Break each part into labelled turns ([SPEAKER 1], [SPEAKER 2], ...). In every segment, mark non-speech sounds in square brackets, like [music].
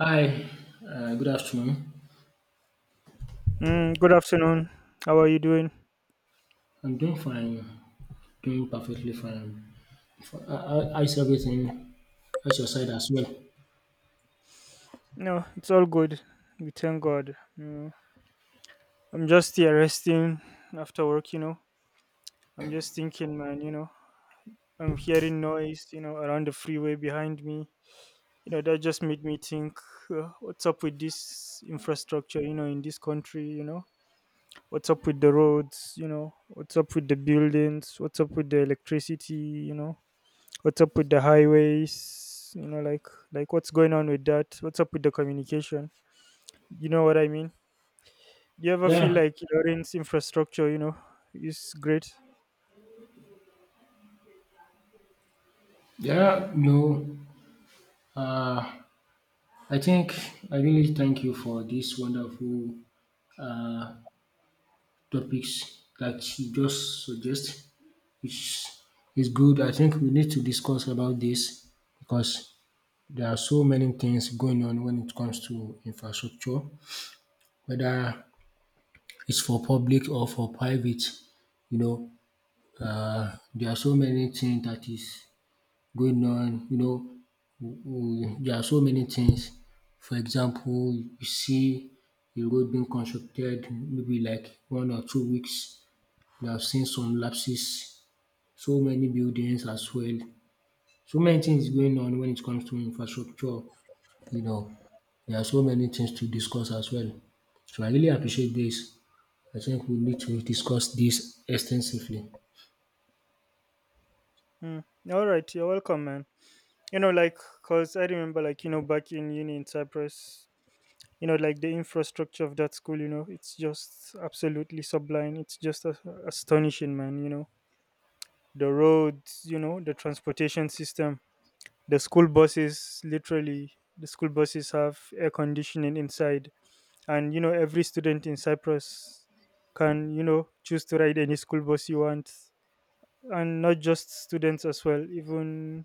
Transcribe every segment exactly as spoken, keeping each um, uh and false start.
[SPEAKER 1] Hi, uh, good afternoon.
[SPEAKER 2] Mm, good afternoon. How are you doing?
[SPEAKER 1] I'm doing fine, doing perfectly fine. For, uh, uh, how's everything? How's your side as well?
[SPEAKER 2] No, it's all good. We thank God. You know. I'm just here resting after work, you know. I'm just thinking, man, you know. I'm hearing noise, you know, around the freeway behind me. You know, that just made me think, uh, what's up with this infrastructure, you know, in this country, you know? What's up with the roads, you know? What's up with the buildings? What's up with the electricity, you know? What's up with the highways? You know, like like what's going on with that? What's up with the communication? You know what I mean? Do you ever feel
[SPEAKER 1] Yeah,
[SPEAKER 2] like Lorraine's infrastructure, you know, is great?
[SPEAKER 1] yeah, no. Uh, I think I really thank you for these wonderful topics that you just suggest. It's, it's good. I think we need to discuss about this because there are so many things going on when it comes to infrastructure, whether it's for public or for private, you know. Uh, there are so many things that is going on, you know. W- w- There are so many things. For example, you see a road being constructed maybe like one or two weeks. We have seen some lapses, so many buildings as well. So many things going on when it comes to infrastructure you know, there are so many things to discuss as well. So I really appreciate this. I think we need to discuss this extensively.
[SPEAKER 2] Mm. All right, you're welcome, man. You know, like, cause I remember, like, you know, back in uni in Cyprus, you know, like the infrastructure of that school, you know, it's just absolutely sublime. It's just a- astonishing, man. You know, the roads, you know, the transportation system, the school buses, literally, the school buses have air conditioning inside. And you know, every student in Cyprus can, you know, choose to ride any school bus you want. And not just students as well, even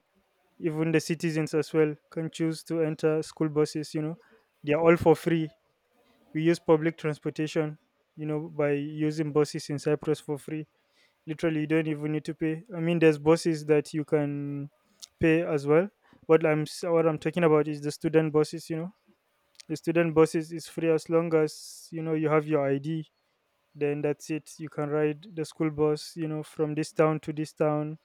[SPEAKER 2] even the citizens as well can choose to enter school buses, you know. They are all for free. We use public transportation, you know, by using buses in Cyprus for free. Literally, you don't even need to pay. I mean, there's buses that you can pay as well. What i'm s- what i'm talking about is the student buses, you know, the student buses is free. As long as, you know, you have your id, then that's it. You can ride the school bus, you know, from this town to this town,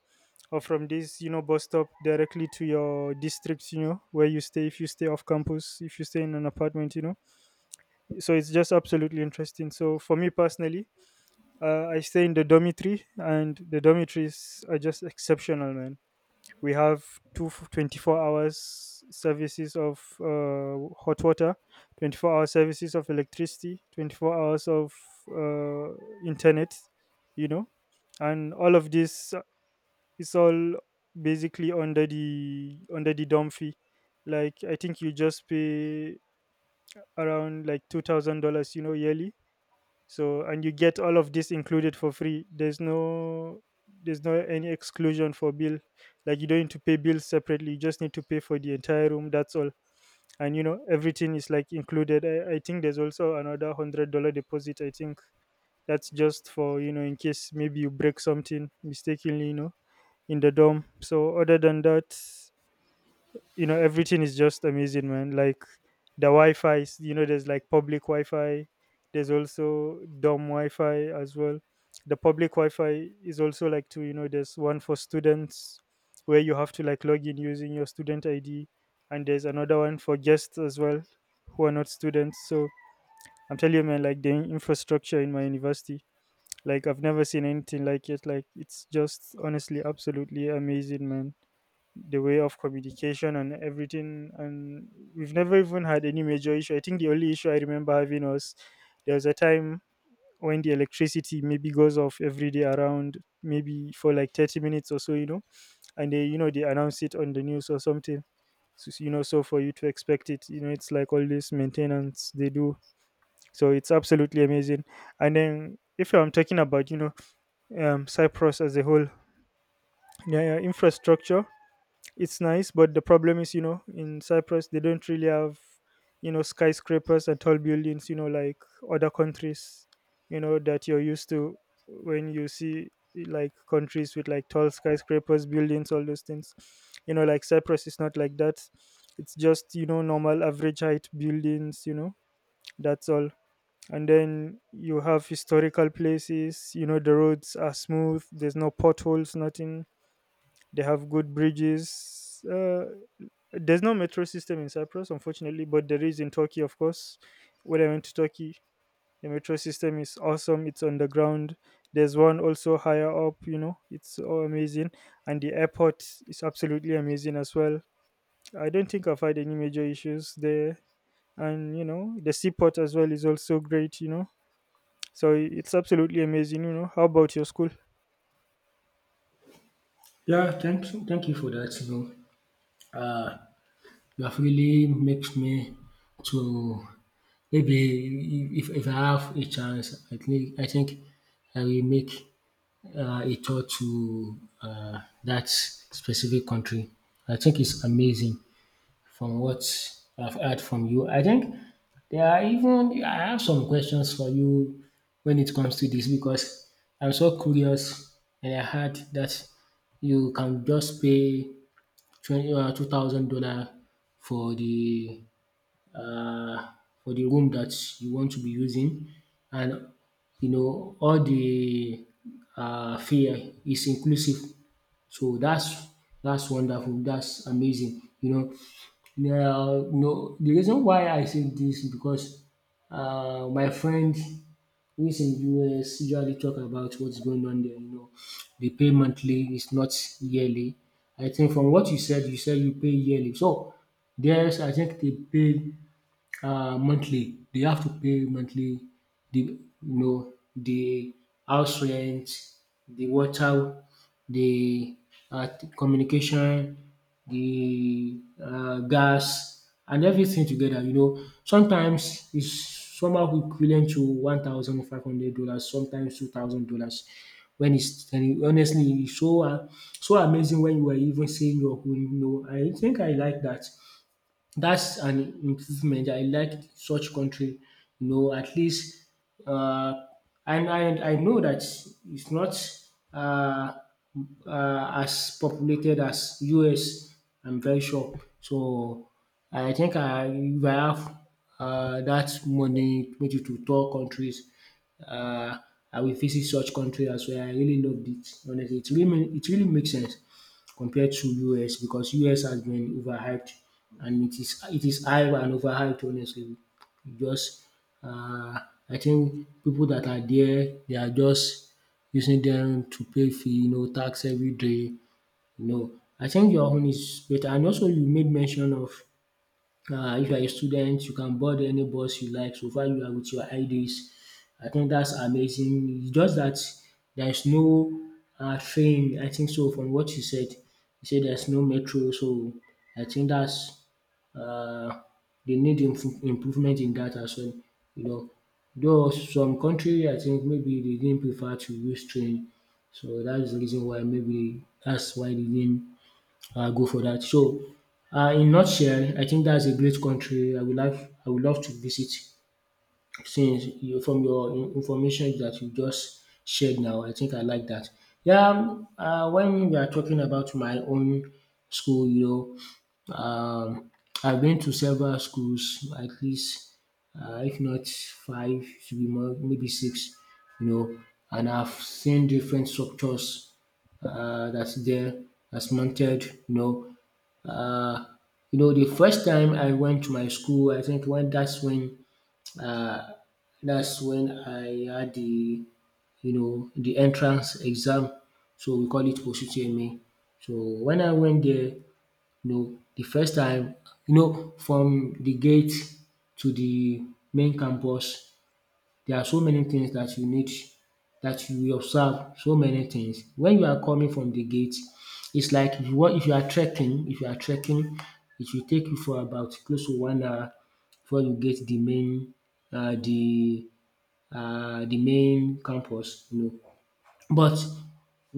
[SPEAKER 2] or from this, you know, bus stop directly to your district, you know, where you stay, if you stay off campus, if you stay in an apartment, you know. So it's just absolutely interesting. So for me personally, uh, I stay in the dormitory, and the dormitories are just exceptional, man. We have two twenty four hour services of uh, hot water, twenty four hour services of electricity, twenty four hours of uh, internet, you know. And all of this uh, is all basically under the under the dom fee. Like, I think you just pay around like two thousand dollars, you know, yearly. So, and you get all of this included for free. There's no, there's no any exclusion for bill. Like, you don't need to pay bills separately. You just need to pay for the entire room, that's all. And you know, everything is like included. i, I think there's also another hundred dollar deposit, I think. That's just for, you know, in case maybe you break something mistakenly, you know, in the dorm. So other than that, you know, everything is just amazing, man. Like the wi-fi is- you know, there's like public wi-fi, there's also dorm wi-fi as well. The public wi-fi is also like two, you know, there's one for students, where you have to like log in using your student id, and there's another one for guests as well, who are not students. So I'm telling you, man, like the infrastructure in my university, like I've never seen anything like it. Like it's just, honestly, absolutely amazing, man. The way of communication and everything. And we've never even had any major issue. I think the only issue I remember having was there was a time when the electricity maybe goes off every day around maybe for like thirty minutes or so, you know. And they, you know, they announce it on the news or something. So, so, you know, so for you to expect it, you know, it's like all this maintenance they do. So it's absolutely amazing. And then if I'm talking about, you know, um, Cyprus as a whole, yeah, yeah, infrastructure, it's nice. But the problem is, you know, in Cyprus they don't really have, you know, skyscrapers and tall buildings, you know, like other countries, you know, that you're used to. When you see like countries with like tall skyscrapers buildings, all those things, you know, like Cyprus is not like that. It's just, you know, normal average height buildings, you know, that's all. And then you have historical places, you know, the roads are smooth, there's no potholes, nothing. They have good bridges. Uh, there's no metro system in Cyprus, unfortunately, but there is in Turkey, of course. When I went to Turkey, the metro system is awesome. It's underground. There's one also higher up, you know, it's all amazing. And the airport is absolutely amazing as well. I don't think I've had any major issues there. And, you know, the seaport as well is also great, you know. So it's absolutely amazing, you know. How about your school?
[SPEAKER 1] Yeah, thank thank you for that. You know, you have really makes me to maybe if, if I have a chance, I think I think I will make uh, a tour to uh, that specific country. I think it's amazing. From what I've heard from you. I think there are even I have some questions for you when it comes to this because I'm so curious and I heard that you can just pay twenty or two thousand dollar for the um for the room that you want to be using and you know all the um fare is inclusive. So that's that's wonderful, that's amazing, you know. Now no the reason why I say this is because um my friend who is in U S usually talk about what's going on there, you know. They pay monthly, it's not yearly. I think from what you said, you said you pay yearly. So there's I think they pay uh, monthly. They have to pay monthly. The you know the house rent, the water, the uh, communication, the uh, gas, and everything together. You know, sometimes it's somehow equivalent to one thousand five hundred dollars, sometimes two thousand dollars. When it's telling, honestly, it's so uh, so amazing when you are even saying your own. You know, I think I like that. That's an improvement. I like such country, you know, at least, uh, and I, I know that it's not uh, uh, as populated as U S. I'm very sure. So I think I, if I have uh, that money maybe to tour countries, uh, I will visit such country as well. I really loved it. Honestly, it really ma- it really makes sense compared to U S because U S has been overhyped and it is it is hyped and overhyped honestly. Just uh, I think people that are there they are just using them to pay fee you know tax everyday you know. I think your own is better and also you made mention of uh, if you are a student, you can board any bus you like so far you are with your I Ds. I think that's amazing. It's just that there is no uh, train, I think so, from what you said. You said there's no metro, so I think that's uh, they need improve- improvement in that as well. You know, though some country, I think maybe they didn't prefer to use train, so that's the reason why maybe that's why they didn't uh, go for that. So, uh, in nutshell, I think that's a great country I would love. I would love to visit since you from your in- information that you just shared now, I think I like that. Yeah, um, uh, when we are talking about my own school, you know, um, I've been to several schools, at least, uh, if not five, should be more, maybe six, you know, and I've seen different structures uh, that's there, that's mounted, you know. Uh, you know, the first time I went to my school, I think when that's when uh, that's when I had the you know the entrance exam, so we call it O C C M A. So when I went there, you know, the first time, you know, from the gate to the main campus, there are so many things that you need that you will observe, so many things. When you are coming from the gate, it's like if you want if you are trekking, if you are trekking, it will take you for about close to one hour before you get the main um the um the main campus, you know. But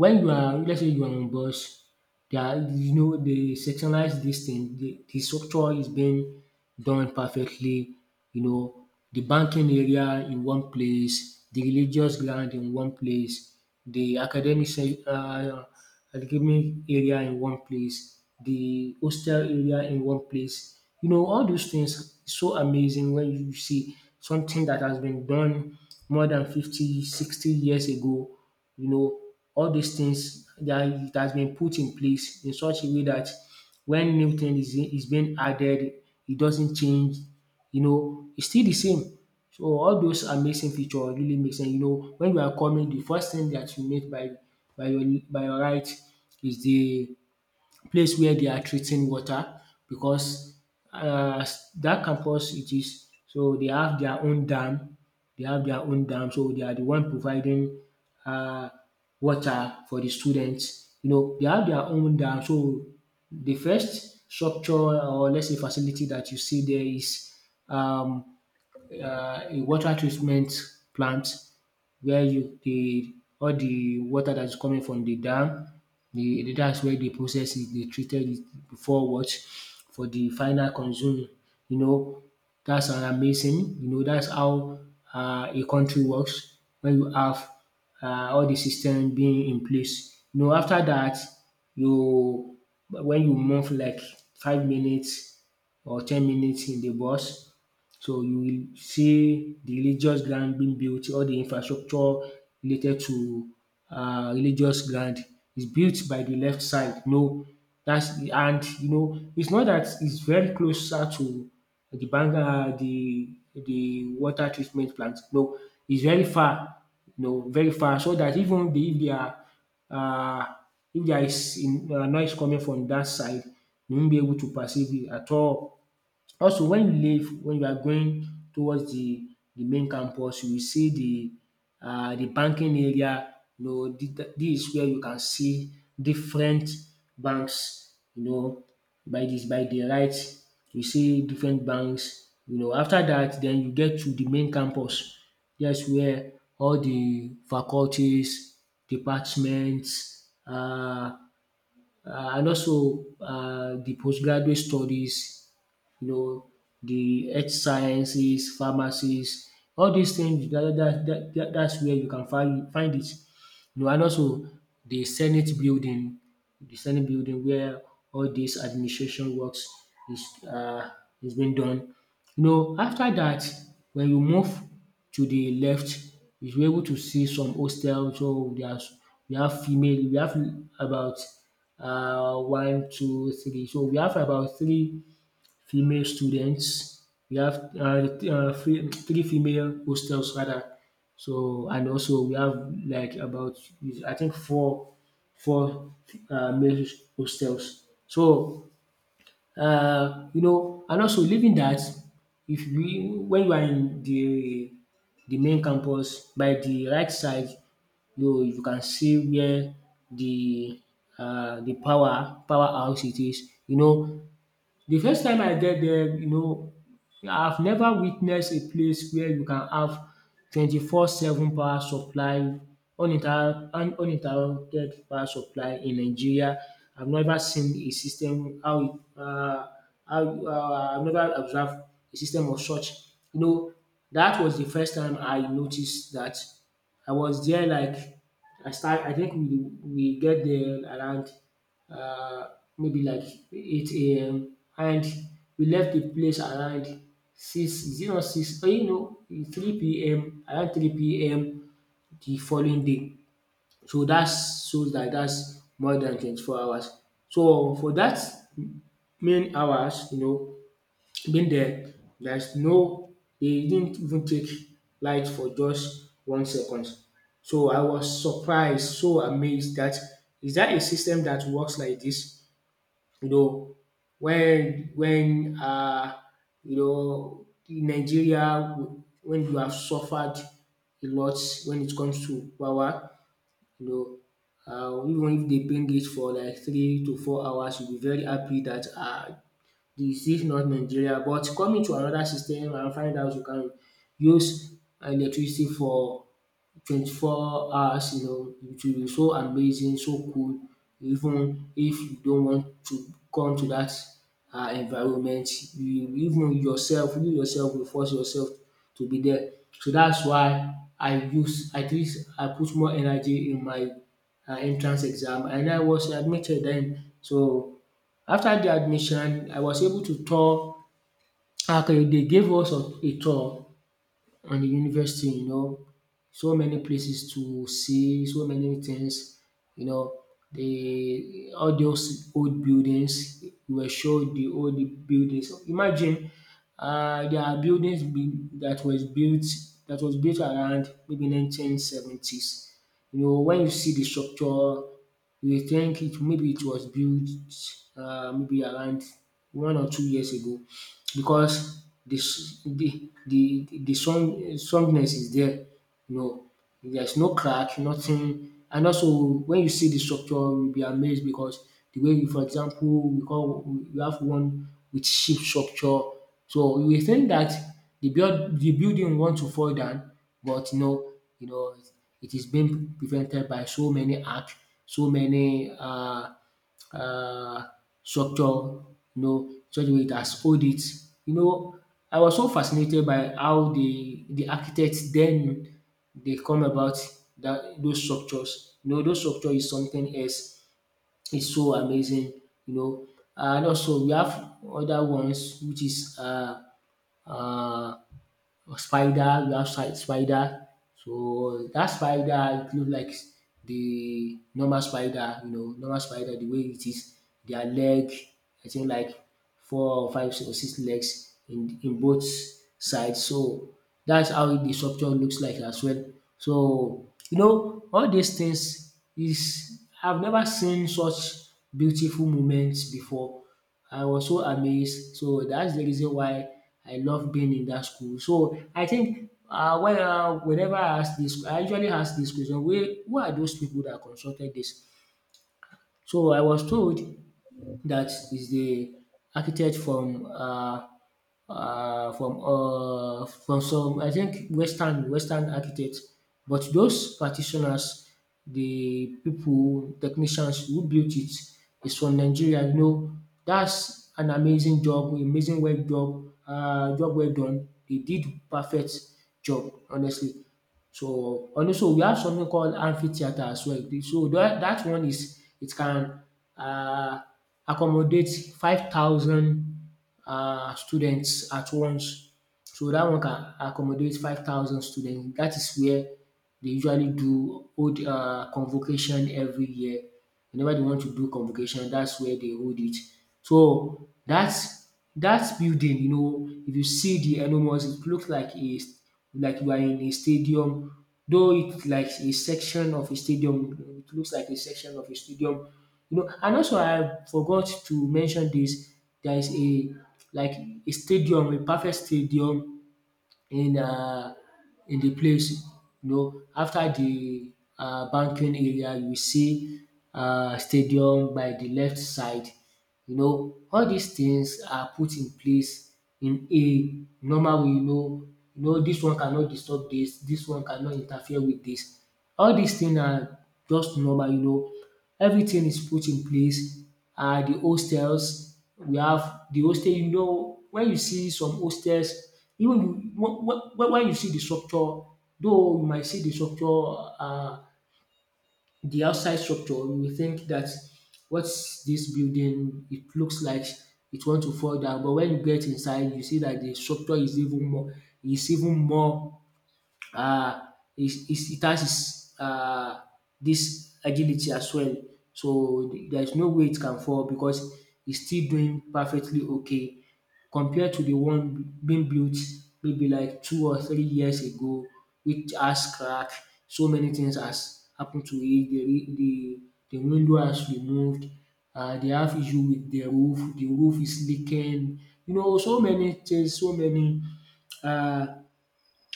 [SPEAKER 1] when you are let's say you are on bus, they are you know they sectionalize this thing, the the structure is being done perfectly, you know, the banking area in one place, the religious ground in one place, the academic se um academic area in one place, the hostel area in one place. You know, all those things so amazing when you see something that has been done more than fifty, sixty years ago. You know, all these things that it has been put in place in such a way that when new thing is, is being added, it doesn't change you know, it's still the same. So all those amazing feature really make sense. You know, when you are coming, the first thing that you meet by by your by your right is the place where they are treating water because um dat campus it is so they have their own dam, they have their own dam so they are the one providing um water for the students. You know they have their own dam so the first structure or lets say facility that you see there is um uh, a water treatment plant where you the all the water that is coming from the dam, the the that's where they process it, they treated it before what? For the final consuming. You know, that's an amazing, you know, that's how uh, a country works when you have uh, all the system being in place. You know, after that, you when you move like five minutes or ten minutes in the bus, so you will see the religious ground being built, all the infrastructure related to uh, religious ground is built by the left side. No, that's the and you know it's not that it's very closer to the bank um the the water treatment plant. No, it's very far, no, very far so that even the if there are um if there is um noise coming from that side, you won't be able to perceive it at all. Also when you leave when you are going towards the the main campus you will see the um the banking area you know dis is where you can see different banks you know by this, by the right you see different banks you know. After that, then you get to the main campus that's where all the faculties, departments um and also um the postgraduate studies you know, the earth sciences, pharmacies, all these things that that that that that's where you can find find it. You know, and also the Senate building, the Senate building where all this administration works is uh, is being done. You know, after that, when you move to the left, you are able to see some hostels. So there's we have female, we have about uh, one, two, three. So we have about three female students. We have uh th- uh three three female hostels rather. So and also we have like about I think four four uh male hostels. So uh you know and also leaving that if we when you are in the the main campus by the right side you you can see where the uh the power power house it is. You know the first time I get there you know I've never witnessed a place where you can have twenty four seven power supply uninter un- uninterrupted power supply in Nigeria. I've never seen a system how it um how um I've never observed a system of such. You know that was the first time I noticed that. I was there like I start I think we we get there around uh, maybe like eight a m and we left the place around six, is it not six? Oh, you know, three p m, around three p m the following day. So that shows that that's more than twenty-four hours. So for that main hours, you know, being there, there's no, they didn't even take light for just one second. So I was surprised, so amazed that is that a system that works like this? You know, when when uh you know in Nigeria when you have suffered a lot when it comes to power, you know um even if they bring it for like three to four hours you will be very happy that uh this is not Nigeria. But coming to another system and find out you can use electricity for twenty-four hours, you know, it will be so amazing, so cool. Even if you don't want to come to that um environment, you even yourself, you yourself will force yourself to be there. So that's why I use, at least I put more energy in my um entrance exam, and I was admitted then. So after the admission I was able to tour. Okay, they gave us a a tour on the university, you know, so many places to see, so many things, you know. The all those old buildings, we were shown the old buildings. Imagine um there are buildings be that was built that was built around maybe nineteen seventies. You know, when you see the structure, you will think it maybe it was built um maybe around one or two years ago, because the s- the the the the strong strongness is there. No, there's no crack, nothing. And also when you see the structure you'll be amazed, because the way you, for example, we call, we have one with ship structure. So you will think that the build the building want to fall down, but no, you know, it is being prevented by so many arch, so many um uh, structure, you know, something wey it has hold it. You know, I was so fascinated by how the the architects then, they come about that those structures. You know, those structure is something else, is so amazing, you know. And also we have other ones, which is uh uh a spider, we have si- spider. So that spider, it look like the normal spider, you know, normal spider the way it is. Their leg, I think like four or five or six legs in in both sides. So that's how the structure looks like as well. So you know, all these things is, I've never seen such beautiful moments before. I was so amazed. So that's the reason why I love being in that school. So I think uh, when, uh, whenever I ask this, I usually ask this question: where, who are those people that consulted this? So I was told that is the architect from, uh, uh, from, uh, from some, I think, Western Western architect, but those practitioners, the people technicians who built it is from Nigeria. You know, that's an amazing job, amazing well job, uh, job well done. They did perfect job, honestly. So, and also we have something called amphitheater as well. The- So that that one is, it can um accommodate five thousand um students at once. So that one can accommodate five thousand students. That is where they usually do hold um convocation every year. Whenever they want to do convocation, that's where they hold it. So that's that building, you know, if you see the enormous, it looks like a, like you are in a stadium, though it's like a section of a stadium. It looks like a section of a stadium, you know. And also, I forgot to mention this. There is a, like a stadium, a perfect stadium in, um in the place. You know, after the um banking area, you see um stadium by the left side. You know, all dis things are put in place in a normal way, you know, you know, dis one cannot disturb dis, dis one cannot interfere with dis. All dis thing na just normal, you know, everything is put in place. And the hostels, we have the hostel, you know, when you see some hostels, even you, wh- wh- wh- when you see the structure, though you might see the structure, um the outside structure, you will think that, what's this building, it looks like it want to fall down. But when you get inside, you see that the structure is even more, is even more, uh, it, it, it has its, uh, this agility as well. So there's no way it can fall, because it's still doing perfectly okay compared to the one being built maybe like two or three years ago, which has cracked. So many things has happened to it. The, re- the, the window has removed. Uh, they have issue with the roof. The roof is leaking. You know, so many things, so many uh,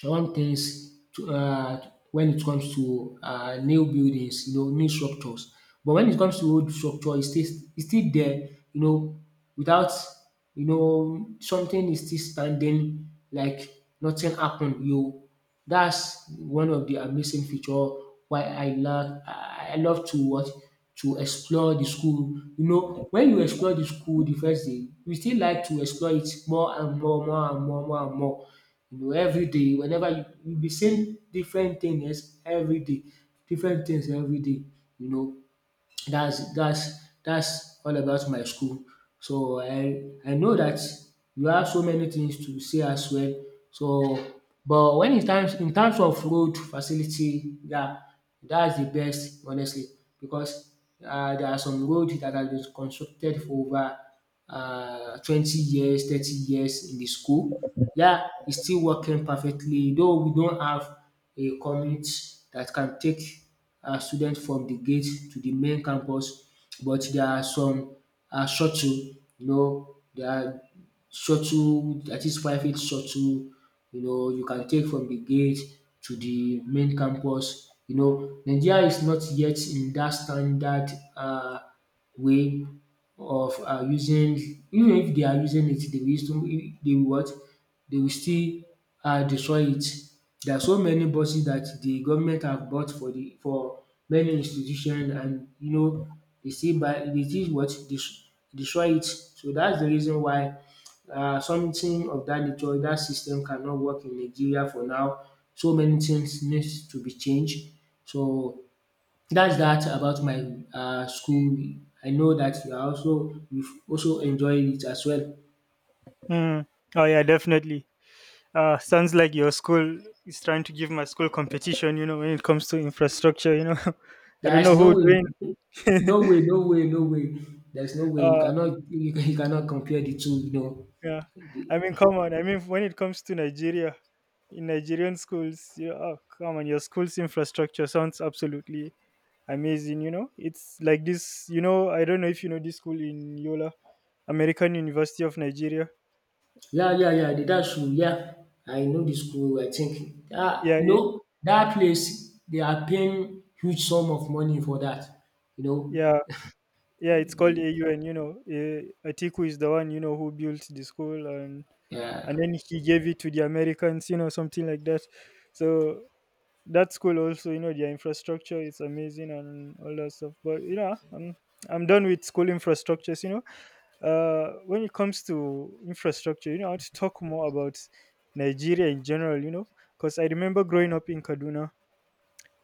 [SPEAKER 1] one things to, um when it comes to um new buildings, you know, new structures. But when it comes to old structure, it's still, it's still there, you know, without, you know, something is still standing like nothing happened. You, that's one of the amazing feature why I love I I love to watch, to explore the school. You know, when you explore the school the first day, you still like to explore it more and more, more and more, more and more, you know, everyday, whenever you, you'll be seeing different things everyday, different things everyday, you know. That's that's that's all about my school. So I I know that you have so many things to say as well. So but when in times in terms of road facility, yeah, that's the best, honestly, because um there are some roads that has been constructed for over um twenty years, thirty years in the school. Yeah, it's still working perfectly, though we don't have a commute that can take um student from the gate to the main campus, but there are some um shuttle, you know, there are shuttle dat is private shuttle, you know, you can take from the gate to the main campus, you know. Nigeria is not yet in that standard uh way of uh using. Even if they are using it, they will still, they will what, they will still um destroy it. There are so many buses that the government have bought for the for many institution, and you know, they still buy, they still what, des- destroy it. So that's the reason why um something of that nature, that system cannot work in Nigeria for now. So many things needs to be changed. So that's that about my um school. I know that you are also, you also enjoyed it as well.
[SPEAKER 2] Mm. Oh, yeah, definitely. Uh, sounds like your school is trying to give my school competition, you know, when it comes to infrastructure, you know. [laughs] I don't
[SPEAKER 1] There's
[SPEAKER 2] know
[SPEAKER 1] no
[SPEAKER 2] who
[SPEAKER 1] way,
[SPEAKER 2] doing
[SPEAKER 1] no way, no way, no way. There's no way you
[SPEAKER 2] uh
[SPEAKER 1] cannot [laughs] you, cannot compare the two. You know,
[SPEAKER 2] yeah.
[SPEAKER 1] the,
[SPEAKER 2] I mean, come on, I mean, when it comes to Nigeria, in Nigerian schools, you, oh come on, your school's infrastructure sounds absolutely amazing, you know. It's like this, you know, I don't know if you know this school in Yola, American University of Nigeria.
[SPEAKER 1] yeah, yeah, yeah. The that's true. Yeah, I know the school. I think ah,
[SPEAKER 2] Yeah,
[SPEAKER 1] you
[SPEAKER 2] it,
[SPEAKER 1] know, that place they are paying huge sum of money for that. You
[SPEAKER 2] yeah, yeah, it's
[SPEAKER 1] know,
[SPEAKER 2] called
[SPEAKER 1] eh,
[SPEAKER 2] A U N, you know. Uh, Atiku is the one, you know, who built the school, and
[SPEAKER 1] yeah,
[SPEAKER 2] and then he gave it to the Americans, you know, something like that. So that's cool. Also, you know, their infrastructure is amazing and all that stuff. But you know, I'm I'm done with school infrastructures. You know, uh, when it comes to infrastructure, you know, I want to talk more about Nigeria in general. You know, because I remember growing up in Kaduna,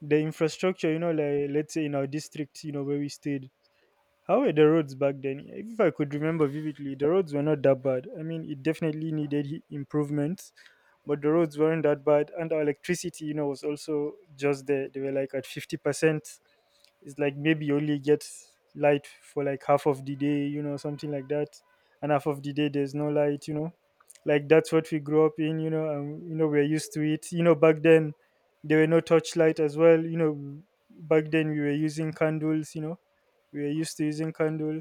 [SPEAKER 2] the infrastructure, you know, like, let's say, in our district, you know, where we stayed, how were the roads back then? If I could remember vividly, the roads were not that bad. I mean, it definitely needed he- improvements, but the roads weren't that bad. And our electricity, you know, was also just there. They were like at fifty percent. It's like maybe you only get light for like half of the day, you know, something like that. And half of the day, there's no light, you know. Like, that's what we grew up in, you know, and, you know, we're used to it. You know, back then, there were no torchlight as well. You know, back then we were using candles, you know, we were used to using candle.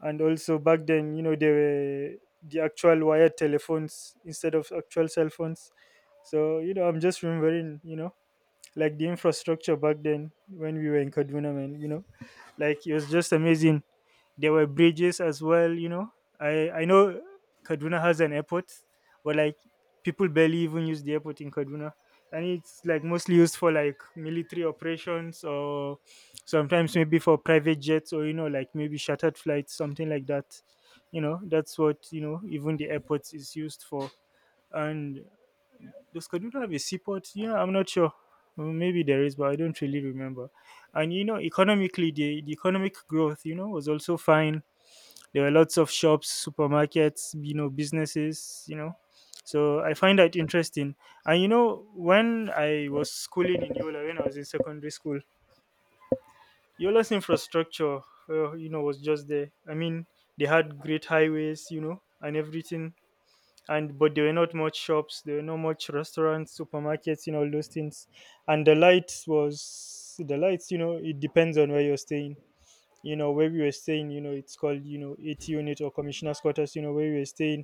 [SPEAKER 2] And also back then, you know, there were the actual wired telephones instead of actual cell phones. So, you know, I'm just remembering, you know, like the infrastructure back then when we were in Kaduna, man, you know, like it was just amazing. There were bridges as well, you know. I I know Kaduna has an airport, but like, people barely even use the airport in Kaduna. And it's like mostly used for like military operations, or sometimes maybe for private jets, or, you know, like maybe chartered flights, something like that. You know, that's what, you know, even the airport is used for. And does Kaduna have a seaport? Yeah, I'm not sure. Mm, maybe there is, but I don't really remember. And you know, economically, the, the economic growth, you know, was also fine. There were lots of shops, supermarkets, you know, businesses, you know. So I find that interesting. And you know, when I was schooling in Yola, when I was in secondary school, Yola's infrastructure, uh, you know, was just there. I mean, they had great highways, you know, and everything. And but there were not much shops, there were not much restaurants, supermarkets, you know, all those things. And the lights was the lights, you know, it depends on where you're staying. You know, where we were staying, you know, it's called, you know, eighty unit or commissioner's quarters, you know, where we were staying.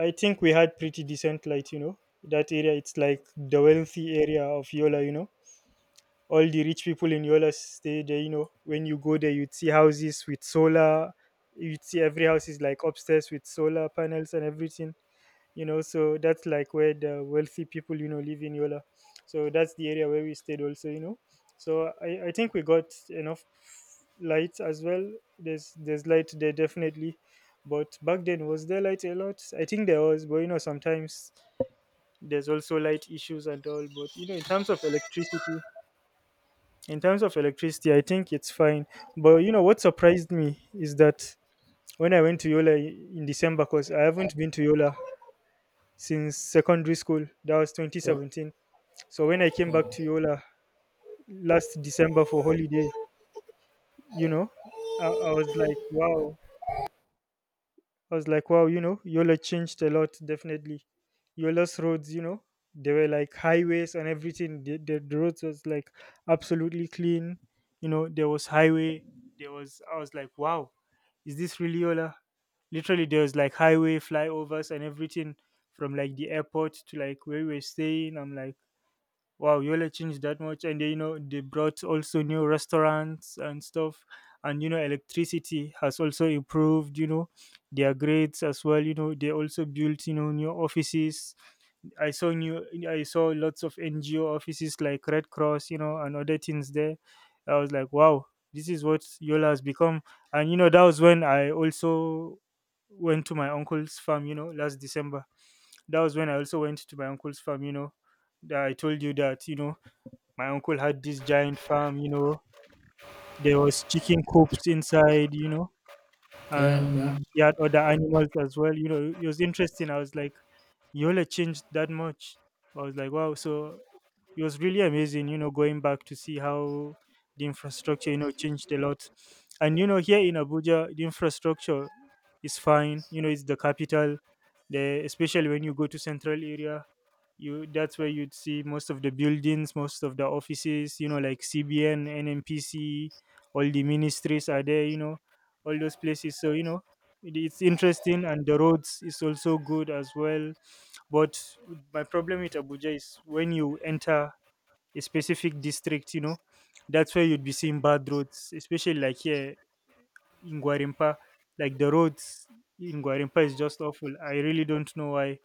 [SPEAKER 2] I think we had pretty decent light. You know, that area, it's like the wealthy area of Yola, you know. All the rich people in Yola stay there, you know. When you go there, you'd see houses with solar. You'd see every house is like upstairs with solar panels and everything, you know. So that's like where the wealthy people, you know, live in Yola. So that's the area where we stayed also, you know. So i, I think we got enough light as well. there's there's light there definitely. But back then, was there light a lot? I think there was, but you know, sometimes there's also light issues and all. But you know, in terms of electricity, in terms of electricity, I think it's fine. But you know, what surprised me is that when I went to Yola in December, because I haven't been to Yola since secondary school. That was
[SPEAKER 1] wow,
[SPEAKER 2] twenty seventeen. So when I came back
[SPEAKER 1] wow.
[SPEAKER 2] to Yola last December for holiday, you know, I, I was like, wow. I was like, wow, you know, Yola changed a lot, definitely. Yola's roads, you know, they were like highways and everything. The, the, the roads was like absolutely clean. You know, there was highway. There was, I was like, wow, is this really Yola? Literally, there was like highway flyovers and everything from like the airport to like where we were staying. I'm like, wow, Yola changed that much, and you know they brought also new restaurants and stuff, and you know electricity has also improved. You know their grades as well. You know they also built you know new offices. I saw new, I saw lots of N G O offices like Red Cross, you know, and other things there. I was like, wow, this is what Yola has become, and you know that was when I also went to my uncle's farm. You know, last December, that was when I also went to my uncle's farm. You know, that I told you that you know my uncle had this giant farm, you know. There was chicken coops inside, you know,
[SPEAKER 1] Yeah,
[SPEAKER 2] and
[SPEAKER 1] yeah,
[SPEAKER 2] he had other animals as well. You know, it was interesting. I was like, Yola changed that much. I was like, wow. So it was really amazing, you know, going back to see how the infrastructure, you know, changed a lot. And you know, here in Abuja, the infrastructure is fine. You know, it's the capital. The especially when you go to central area, you that's where you'd see most of the buildings, most of the offices. You know, like C B N, N M P C, all the ministries are there. You know, all those places. So you know, it, it's interesting, and the roads is also good as well. But my problem with Abuja is when you enter a specific district, you know, that's where you'd be seeing bad roads, especially like here in Guarimpa. Like the roads in Guarimpa is just awful. I really don't know why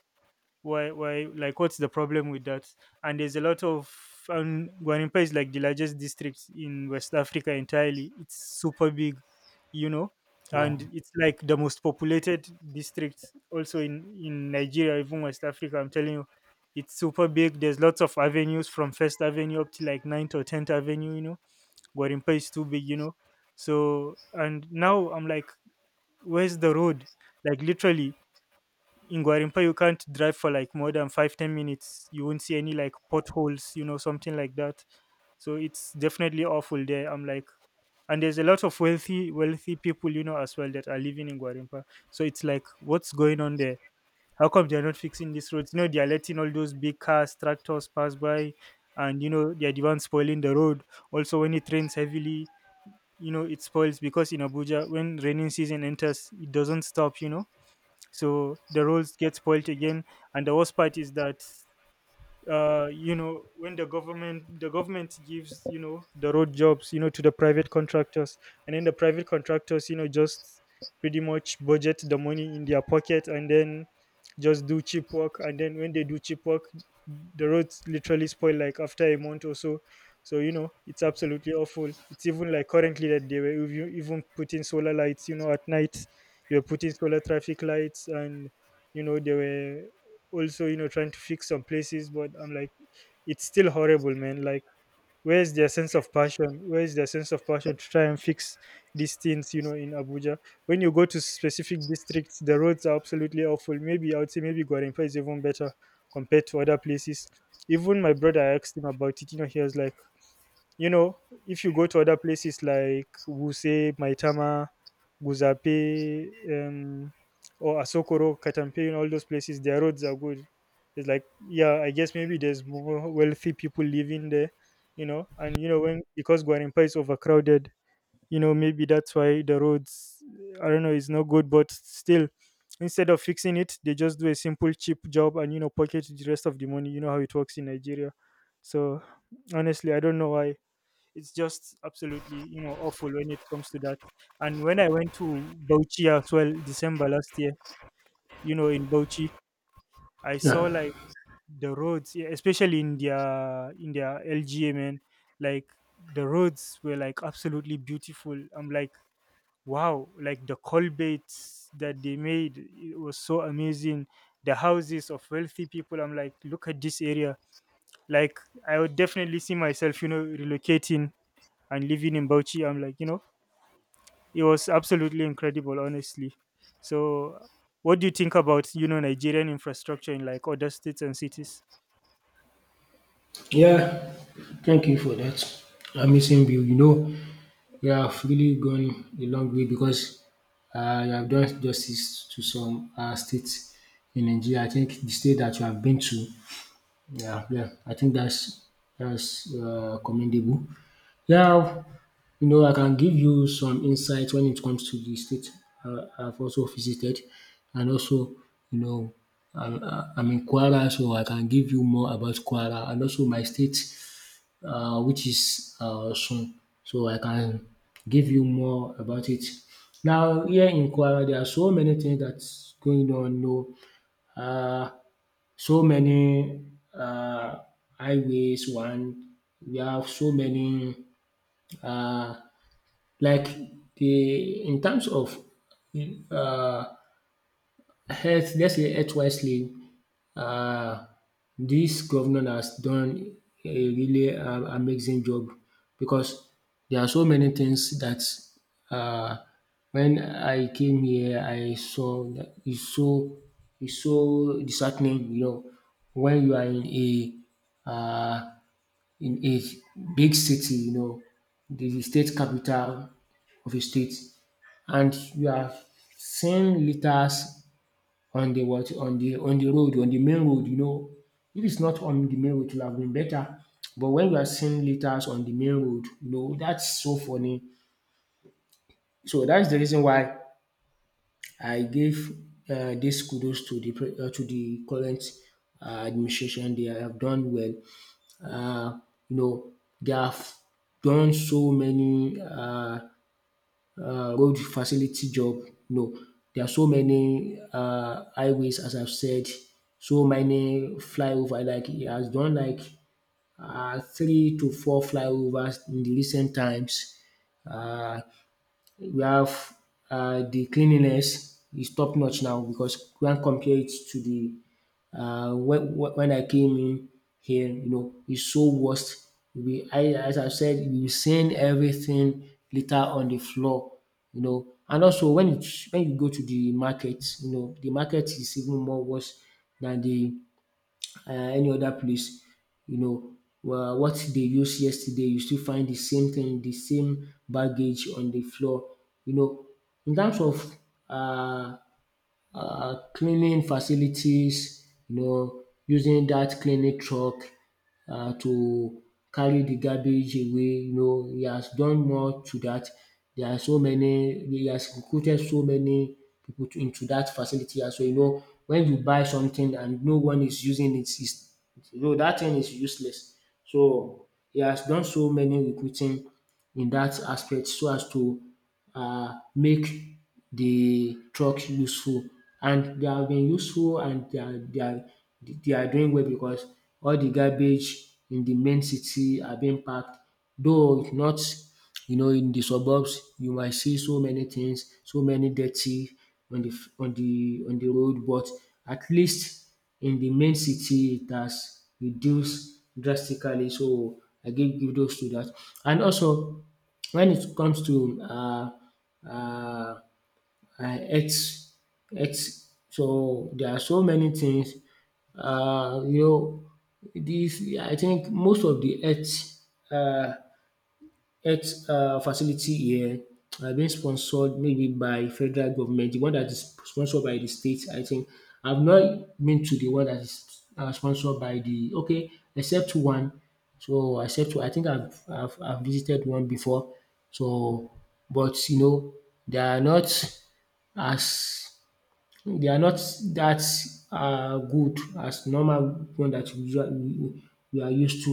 [SPEAKER 2] why why like what's the problem with that, and there's a lot of, and Guanimpa is like the largest district in West Africa entirely. It's super big, you know,
[SPEAKER 1] wow,
[SPEAKER 2] and it's like the most populated district also in in Nigeria, even West Africa. I'm telling you, it's super big. There's lots of avenues from first avenue up to like Ninth or tenth avenue, you know. Guanimpa is too big, you know. So and now I'm like, where's the road, like literally in Guarimpa you can't drive for like more than five, ten minutes. You won't see any like potholes, you know, something like that. So it's definitely awful there. I'm like, and there's a lot of wealthy wealthy people, you know, as well that are living in Guarimpa. So it's like, what's going on there? How come they're not fixing these roads? You know, they're letting all those big cars, tractors pass by, and you know, they're the ones spoiling the road. Also, when it rains heavily, you know, it spoils because in Abuja, when raining season enters, it doesn't stop. You know, so the roles get spoilt again, and the worst part is that uh you know when the government the government gives you know the road jobs you know to the private contractors, and then the private contractors you know just pretty much budget the money in their pocket, and then just do cheap work, and then when they do cheap work, the roads literally spoil like after a month or so. So you know it's absolutely awful. It's even like currently that they were even even putting solar lights, you know, at night. They were putting solar traffic lights, and you know they were also, you know, trying to fix some places, but I'm like, it's still horrible, man. Like, where's their sense of passion where's their sense of passion to try and fix these things, you know, in Abuja. When you go to specific districts, the roads are absolutely awful. Maybe I would say maybe Gwarimpa is even better compared to other places. Even my brother I asked him about it, you know, he was like, you know, if you go to other places like Wuse, Maitama, Guzape, um, or Asokoro, Katampe, you know, all those places, their roads are good. It's like, yeah, I guess maybe there's more wealthy people living there, you know, and you know, when because Guarimpa is overcrowded, you know, maybe that's why the roads, I don't know, is not good, but still, instead of fixing it, they just do a simple, cheap job and you know, pocket the rest of the money. You know how it works in Nigeria. So honestly, I don't know why. It's just absolutely, you know, awful when it comes to that. And when I went to Bauchi as well, December last year, you know, in Bauchi, I saw
[SPEAKER 1] yeah,
[SPEAKER 2] like the roads, yeah, especially in their in their L G A, man, like the roads were like absolutely beautiful. I'm like, wow, like the culverts that they made, it was so amazing. The houses of wealthy people, I'm like, look at this area. Like, I would definitely see myself, you know, relocating and living in Bauchi. I'm like, you know, it was absolutely incredible honestly. So what do you think about, you know, Nigerian infrastructure in like other states and cities?
[SPEAKER 1] yeah. Thank you for that. I'm missing you. You know, you have really gone a long way, because uh, you have done justice to some uh, states in Nigeria. I think the state that you have been to, yeah, yeah, I think that's that's uh, commendable. Yeah, you know, I can give you some insight when it comes to the state uh, I've also visited, and also, you know, I'm, I'm in Kwara, so I can give you more about Kwara, and also my state, uh, which is uh, soon. So I can give you more about it. Now here in Kwara there are so many things that's going on. No, um so many um highways. One, we have so many um like, the in terms of um health, let's say health wisely, um dis governor has done a really um amazing job, because there are so many things that, um when I came here I saw that is so, is so disheartening, you know, when you are in a, um in a big city, you know, the state capital of a state, and you are seeing litters on the what, on the on the road, on the main road, you know. If it's not on the main road, it would have been better. But when we are seeing litters on the main road, you know, that's so funny. So that's the reason why I gave uh, this kudos to the pre- uh, to the current uh, administration. They have done well. Uh, you know, they have done so many, uh, uh, road facility job. No, there are so many uh, highways, as I've said, so many flyover. Like he has done like uh, three to four flyovers in the recent times. Uh, we have, uh, the cleanliness is top notch now, because we can compare it to the, uh, when, when when I came in here, you know, it's so worst. We, I, as I said, we seen everything litter on the floor, you know. And also when it, when you go to the market, you know, the market is even more worse than the, uh, any other place, you know, uh, what they used yesterday, you still find the same thing, the same baggage on the floor. You know, in terms of, uh, um cleaning facilities, you know, using that cleaning truck uh, to carry the garbage away, you know, he has done more to that. There are so many, he has recruited so many pipu into that facility as well. You know, when you buy something and no one is using it, is you know dat thing is useless. So he has done so many recruiting in dat aspect so as to um make de truck useful, and dey have been useful and dey are dey are dey are doing well because all de garbage in de main city are being packed, though not. You know, in the suburbs, you might see so many things, so many dirty on the on the on the road, but at least in the main city, it has reduced drastically. So I give give those to that. And also, when it comes to uh, uh, uh, health, health, so there are so many things. Uh, you know, this I think most of the health uh, health um facility here are being sponsored maybe by federal government, the one that is sponsored by the state I think. I've not been to the one that is um sponsored by the okay except one. So except I think I've I've I've visited one before. So but you know they are not as they are not that uh good as normal one that we usual we we are used to.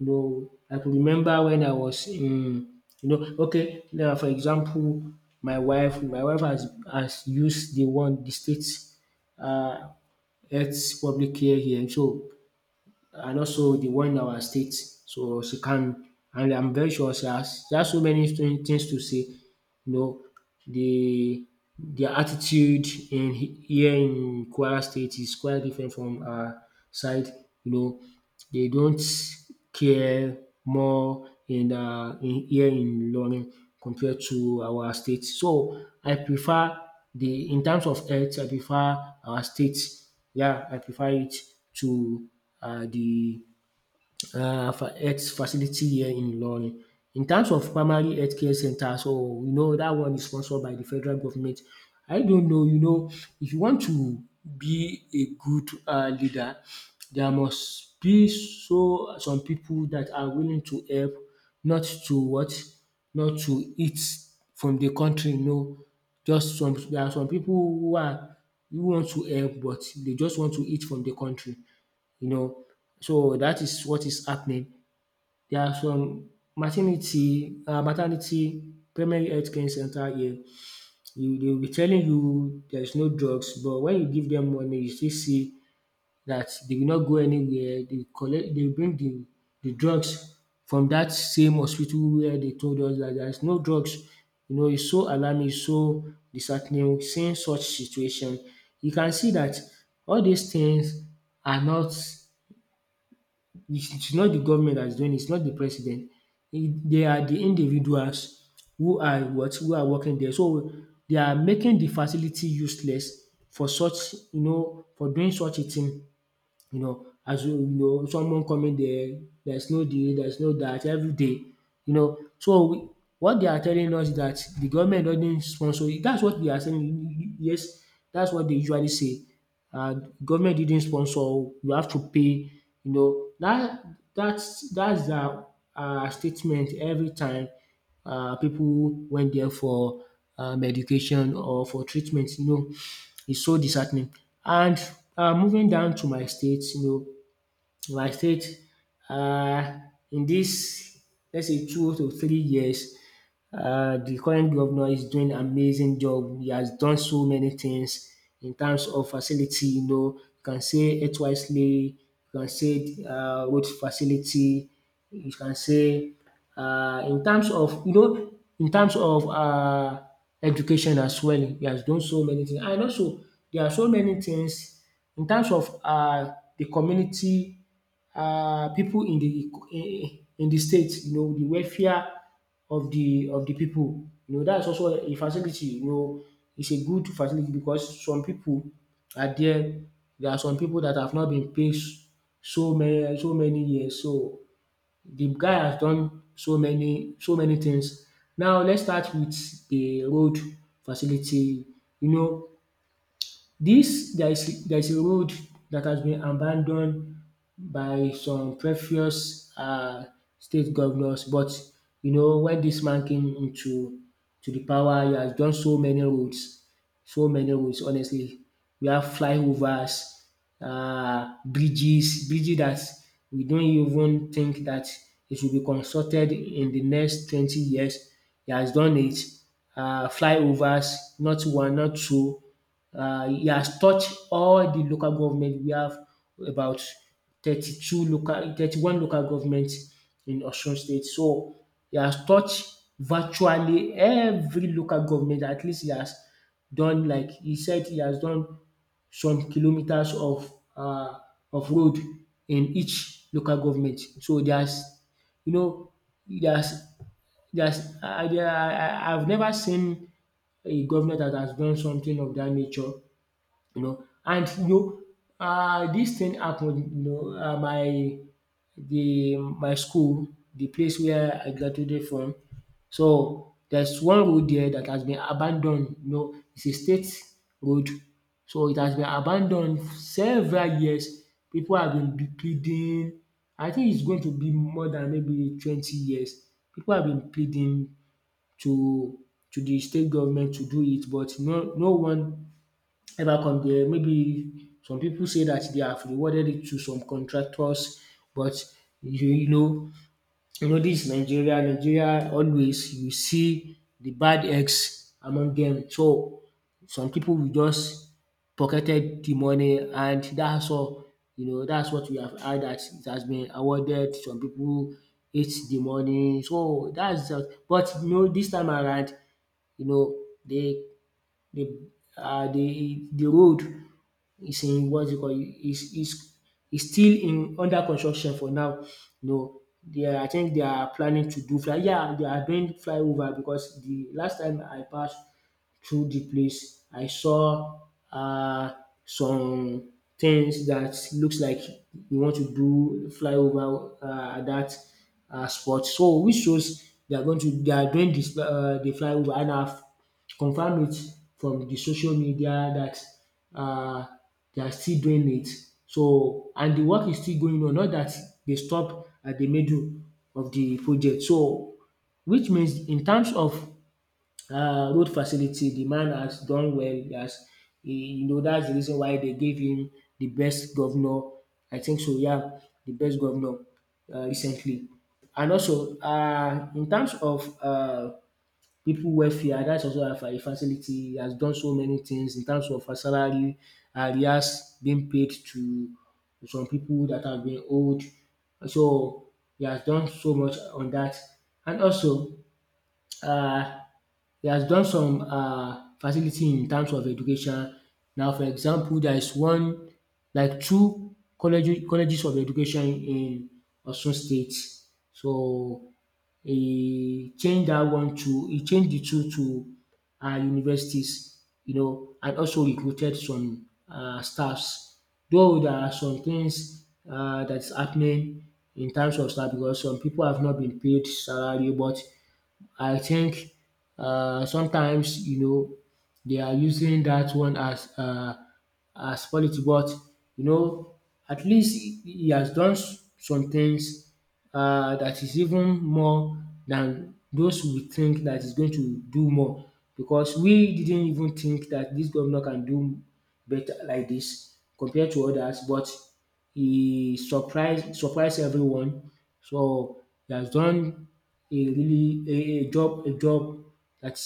[SPEAKER 1] You know, I could remember when I was in, you know, okay now for example my wife my wife has has used the one the state uh health public care here, so and also the one in our state, so she can. And I'm very sure she has she has so many thing- things to say, you know, the their attitude in he- here in Kwara State is quite different from our side. You know, they don't care more in uh, in here in Ilorin compared to our state. So I prefer the in terms of health, I prefer our state. Yeah, I prefer it to uh, the uh, fa- health facility here in Ilorin. In terms of primary healthcare center, so you know that one is sponsored by the federal government. I don't know, you know, if you want to be a good uh, leader, there must be so some people that are willing to help, not to what, not to eat from the country. No, just some there are some people who are who want to help, but they just want to eat from the country, you know. So that is what is happening. There are some maternity, uh, maternity primary health care center here. You, they will be telling you there's no drugs, but when you give them money, you still see that they will not go anywhere. They collect, they bring the, the drugs from that same hospital where they told us that there's no drugs. You know, it's so alarming, it's so disheartening seeing such situation. You can see that all these things are not, it's it's not the government that is doing it, it's not the president. It, they are the individuals who are what? Who are working there. So they are making the facility useless for such, you know, for doing such a thing. You know, as you you know, someone coming there, there's no this, there's no that every day. You know, so we, what they are telling us is that the government doesn't sponsor it. That's what they are saying. Yes, that's what they usually say. Uh, government didn't sponsor. You have to pay. You know that that's that's their uh, statement every time uh, people went there for um, education or for treatment. You know, it's so disheartening. And um moving down to my state, you know, I stayed uh, in this, let's say, two to three years, uh, the current governor is doing amazing job. He has done so many things in terms of facility, you know, you can say it wisely, you can say um road facility, you can say uh, in terms of you know in terms of uh education as well he has done so many things, and also there are so many things in terms of uh the community, uh, people in the in the state, you know, the welfare of the of the people. You know that is also a facility, you know, it's a good facility because some people are there, there are some people that have not been paid so many so many years. So the guy has done so many so many things. Now let's start with the road facility. You know, this there is there is a road that has been abandoned by some previous um state governors, but you know when this man came into to the power, he has done so many roads, so many roads honestly. We have flyovers, um bridges, bridges that we don't even think that it will be constructed in the next twenty years. He has done it. um Flyovers, not one, not two, uh, he has touched all the local government. We have about thirty-two local, thirty-one local governments in Osun State. So he has touched virtually every local government. At least he has done, like he said, he has done some kilometers of uh, of road in each local government. So there's, you know, there's there's I I I I've never seen a governor that has done something of that nature, you know. And you know um dis thing happened, you know, um my the my school, the place where I graduated from, so there's one road there that has been abandoned, you know, it's a state road, so it has been abandoned several years. People have been be- pleading, I think it's going to be more than maybe twenty years. People have been pleading to to the state government to do it, but no no one ever come there. Maybe some people say that they have rewarded it to some contractors, but you, you know, you know this Nigeria, Nigeria always you see the bad eggs among them. So some people will just pocketed the money, and that's all. You know, that's what we have heard, that it has been awarded. Some people hate the money. So that's just, but you know, this time around, you know, they the uh the the road, it's in what is it called? It's it's is still in under construction for now. You know, they are, I think they are planning to do fly, yeah, they are doing flyover because the last time I passed through the place, I saw uh some things that looks like you want to do flyover um that uh spot. So which shows they are going to they are doing this uh the flyover, and I've confirmed it from the social media that uh they are still doing it. So and the work is still going on, not that they stop at the middle of the project. So which means in terms of uh, road facility, the man has done well. He has, he, you know, that's the reason why they gave him the best governor. I think so. Yeah, the best governor, uh, recently. And also, uh, in terms of uh, people welfare, that's also a fa- a facility. He has done so many things in terms of her salary, arrears being paid to some people that have been owed. So he has done so much on that. And also, uh, he has done some um facility in terms of education. Now for example there is one like two colleges colleges of education in Osun State. So he changed that one to he changed the two to um universities, you know, and also recruited some um staffs. Though there are some things um that is happening in terms of staff because some people have not been paid salary, but I think uh, sometimes you know they are using that one as uh, as politics, but you know at least he he has done s- some things uh, that is even more than those we think that is going to do more because we didn't even think that this governor can do better like this compared to others, but he surprised surprised everyone. So he has done a really a, a job a job that,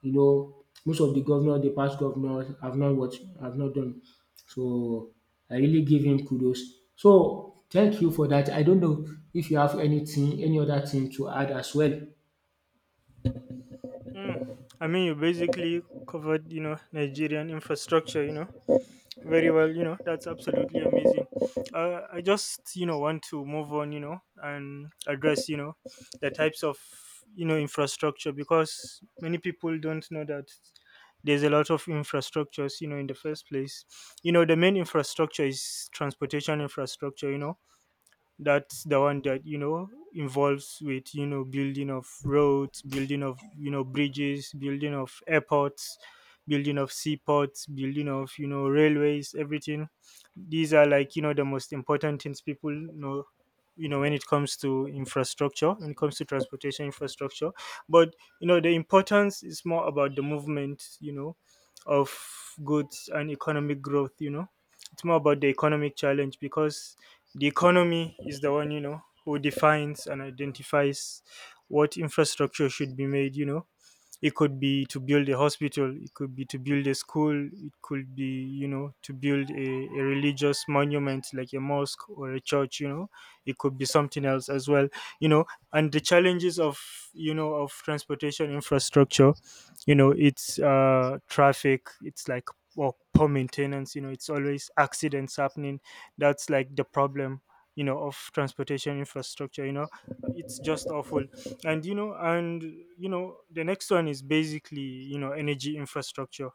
[SPEAKER 1] you know, most of the governor, the past governors have not what have not done. So I really give him kudos. So thank you for that. I don't know if you have anything, any other thing to add as well.
[SPEAKER 2] Mm, I mean you basically covered, you know, Nigerian infrastructure, you know, very well. You know that's absolutely amazing. uh, I just, you know, want to move on, you know, and address, you know, the types of, you know, infrastructure, because many people don't know that there's a lot of infrastructures, you know, in the first place. You know the main infrastructure is transportation infrastructure, you know. That's the one that, you know, involves with, you know, building of roads, building of, you know, bridges, building of airports, building of seaports, building of, you know, railways, everything. These are like, you know, the most important things people know, you know, when it comes to infrastructure, when it comes to transportation infrastructure. But you know the importance is more about the movement, you know, of goods and economic growth, you know. It's more about the economic challenge, because the economy is the one, you know, who defines and identifies what infrastructure should be made, you know. It could be to build a hospital, it could be to build a school, it could be, you know, to build a, a religious monument like a mosque or a church, you know. It could be something else as well, you know. And the challenges of, you know, of transportation infrastructure, you know, it's uh traffic. It's like, well, poor maintenance, you know, it's always accidents happening. That's like the problem, you know, of transportation infrastructure, you know. It's just awful. And you know and You know the next one is basically, you know, energy infrastructure.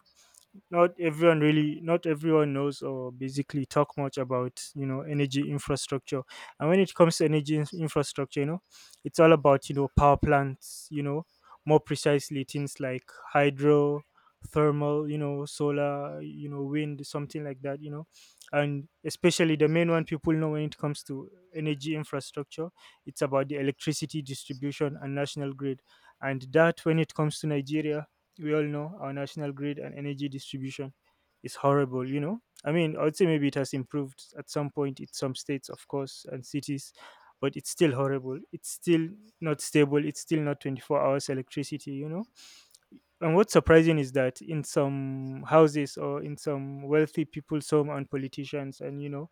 [SPEAKER 2] not everyone really Not everyone knows or basically talk much about, you know, energy infrastructure. And when it comes to energy in- infrastructure, you know, it's all about, you know, power plants, you know, more precisely things like hydro, thermal, you know, solar, you know, wind, something like that, you know. And especially the main one people know when it comes to energy infrastructure, it's about the electricity distribution and national grid. And that when it comes to Nigeria, we all know our national grid and energy distribution is horrible, you know. I mean I would say maybe it has improved at some point in some states of course and cities, but it's still horrible. It's still not stable. It's still not twenty-four hours electricity, you know. And what's surprising is that in some houses or in some wealthy people's home and politicians and you know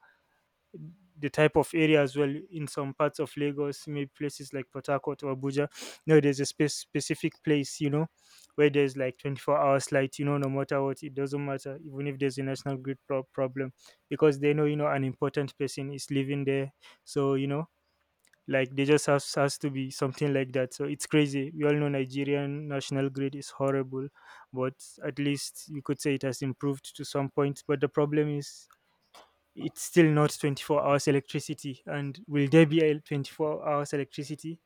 [SPEAKER 2] the type of area as well, in some parts of Lagos, maybe places like Port Harcourt or Abuja. No, there's a spe- specific place, you know, where there's like twenty-four hours light, you know, no matter what. It doesn't matter, even if there's a national grid pro- problem, because they know, you know, an important person is living there. So, you know, like they just has, has to be something like that. So it's crazy. We all know Nigerian national grid is horrible, but at least you could say it has improved to some point. But the problem is it's still not twenty-four hours electricity, and will there be a twenty-four hours electricity?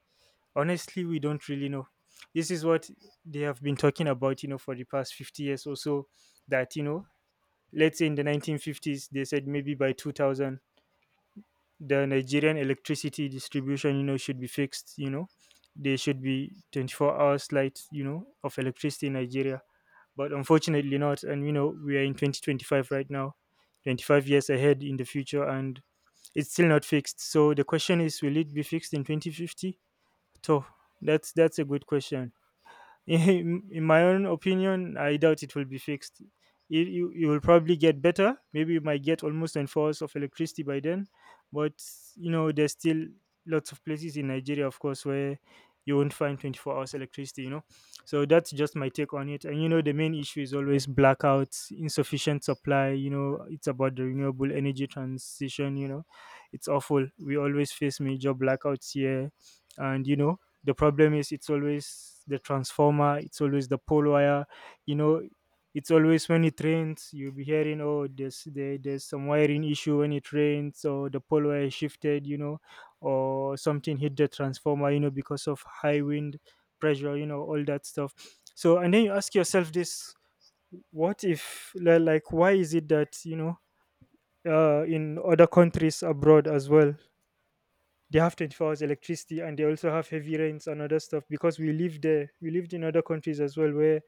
[SPEAKER 2] Honestly, we don't really know. This is what they have been talking about, you know for the past fifty years or so. That you know let's say in the nineteen fifties, they said maybe by two thousand the Nigerian electricity distribution, you know should be fixed, you know there should be twenty-four hours light, you know of electricity in Nigeria. But unfortunately not, and you know we are in twenty twenty-five right now, twenty-five years ahead in the future, and it's still not fixed. So the question is, will it be fixed in twenty fifty? So that's that's a good question. [laughs] in, in my own opinion, I doubt it will be fixed. You, you, you will probably get better. Maybe you might get almost an hours of electricity by then. But, you know, there's still lots of places in Nigeria, of course, where you won't find twenty-four hours electricity, you know. So that's just my take on it. And, you know, the main issue is always blackouts, insufficient supply. You know, it's about the renewable energy transition, you know. It's awful. We always face major blackouts here. And, you know, the problem is it's always the transformer, it's always the pole wire you know it's always when it rains. You'll be hearing, oh, there's there, there's some wiring issue when it rains, or the pole wire shifted you know or something hit the transformer you know because of high wind pressure you know all that stuff. So and then you ask yourself this, what if li- like, why is it that, you know uh, in other countries abroad as well, they have twenty-four hours electricity, and they also have heavy rains and other stuff? Because we live there, we lived in other countries as well, where,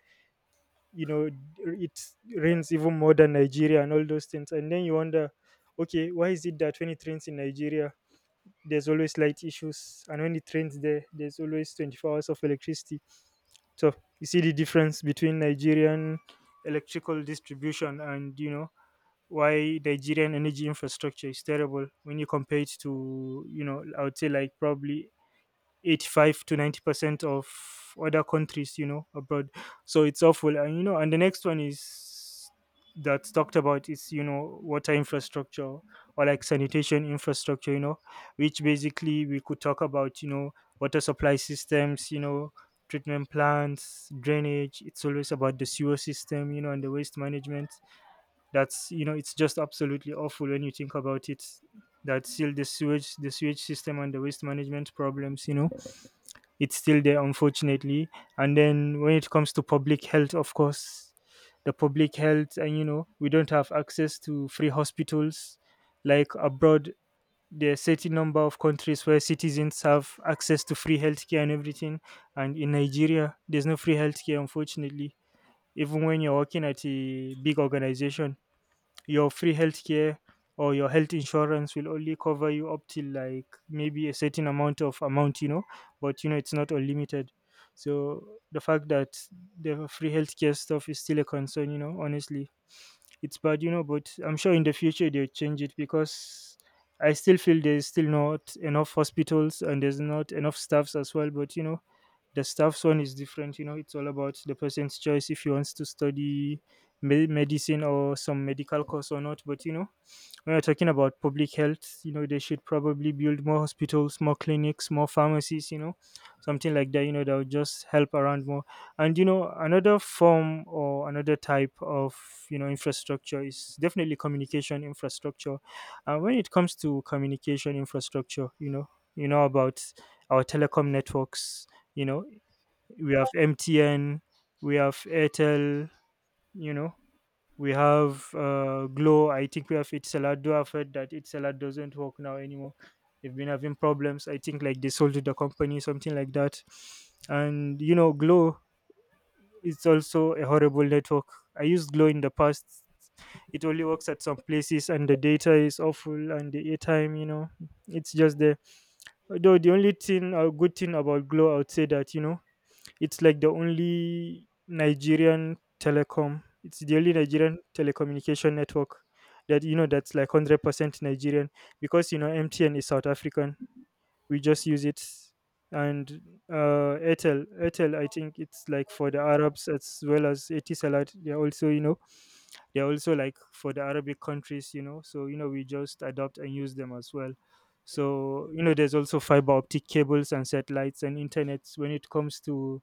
[SPEAKER 2] you know it rains even more than Nigeria and all those things. And then you wonder, okay, why is it that when it rains in Nigeria, there's always light issues, and when it rains there there's always twenty-four hours of electricity? So you see the difference between Nigerian electrical distribution, and you know why Nigerian energy infrastructure is terrible when you compare it to, you know, I would say like probably eighty-five to ninety percent of other countries you know abroad. So it's awful. And you know and the next one is that's talked about is, you know water infrastructure, or like sanitation infrastructure you know which basically we could talk about, you know water supply systems you know treatment plants, drainage. It's always about the sewer system you know and the waste management. That's you know it's just absolutely awful when you think about it, that still the sewage, the sewage system and the waste management problems you know it's still there, unfortunately. And then when it comes to public health, of course, the public health, and you know we don't have access to free hospitals like abroad. There are certain number of countries where citizens have access to free healthcare and everything, and in Nigeria there's no free healthcare, unfortunately. Even when you're working at a big organization, your free healthcare or your health insurance will only cover you up till like maybe a certain amount of amount, you know but you know it's not unlimited. So the fact that the free healthcare stuff is still a concern, you know honestly, it's bad, you know but I'm sure in the future they'll change it, because I still feel there's still not enough hospitals and there's not enough staffs as well. But you know the staff's one is different. You know it's all about the person's choice if he wants to study me- medicine or some medical course or not. But you know when you're talking about public health, you know they should probably build more hospitals, more clinics, more pharmacies you know something like that you know that would just help around more. And you know another form or another type of, you know infrastructure is definitely communication infrastructure. And when it comes to communication infrastructure, you know you know about our telecom networks. you know we have MTN, we have Airtel, you know we have uh, glow I think we have itselad though I've heard that itselad doesn't work now anymore. They've been having problems. I think like they sold to the company, something like that. And you know glow is also a horrible network. I used glow in the past. It only works at some places, and the data is awful, and the airtime, you know it's just there. Though the only thing, a good thing about glow I would say, that you know it's like the only Nigerian telecom. It's the only Nigerian telecommunication network that, you know that's like hundred percent Nigerian, because you know M T N is South African. We just use it. And uh, Airtel, Airtel, I think it's like for the Arabs, as well as Etisalat. They're also, you know they're also like for the Arabic countries, you know. So you know we just adopt and use them as well. So you know there's also fiber optic cables and satellites and internets when it comes to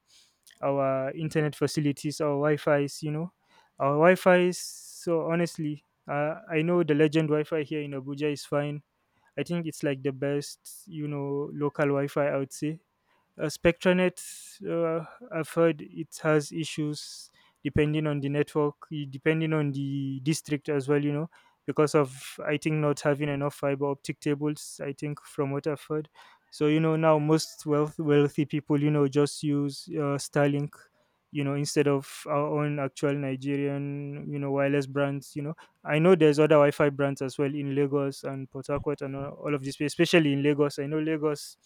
[SPEAKER 2] our internet facilities, our Wi-Fi's, you know, our Wi-Fi's. So honestly, uh, I know the Legend Wi-Fi here in Abuja is fine. I think it's like the best, you know, local Wi-Fi. I would say uh, Spectranet, uh, I've heard it has issues depending on the network, y- depending on the district as well, you know, because of, I think, not having enough fiber optic cables, I think, from what I've heard. So, you know, now most wealth, wealthy people, you know, just use uh, Starlink, you know, instead of our own actual Nigerian, you know, wireless brands, you know I know there's other Wi-Fi brands as well in Lagos and Port Harcourt and all all of this, place, especially in Lagos. I know Lagos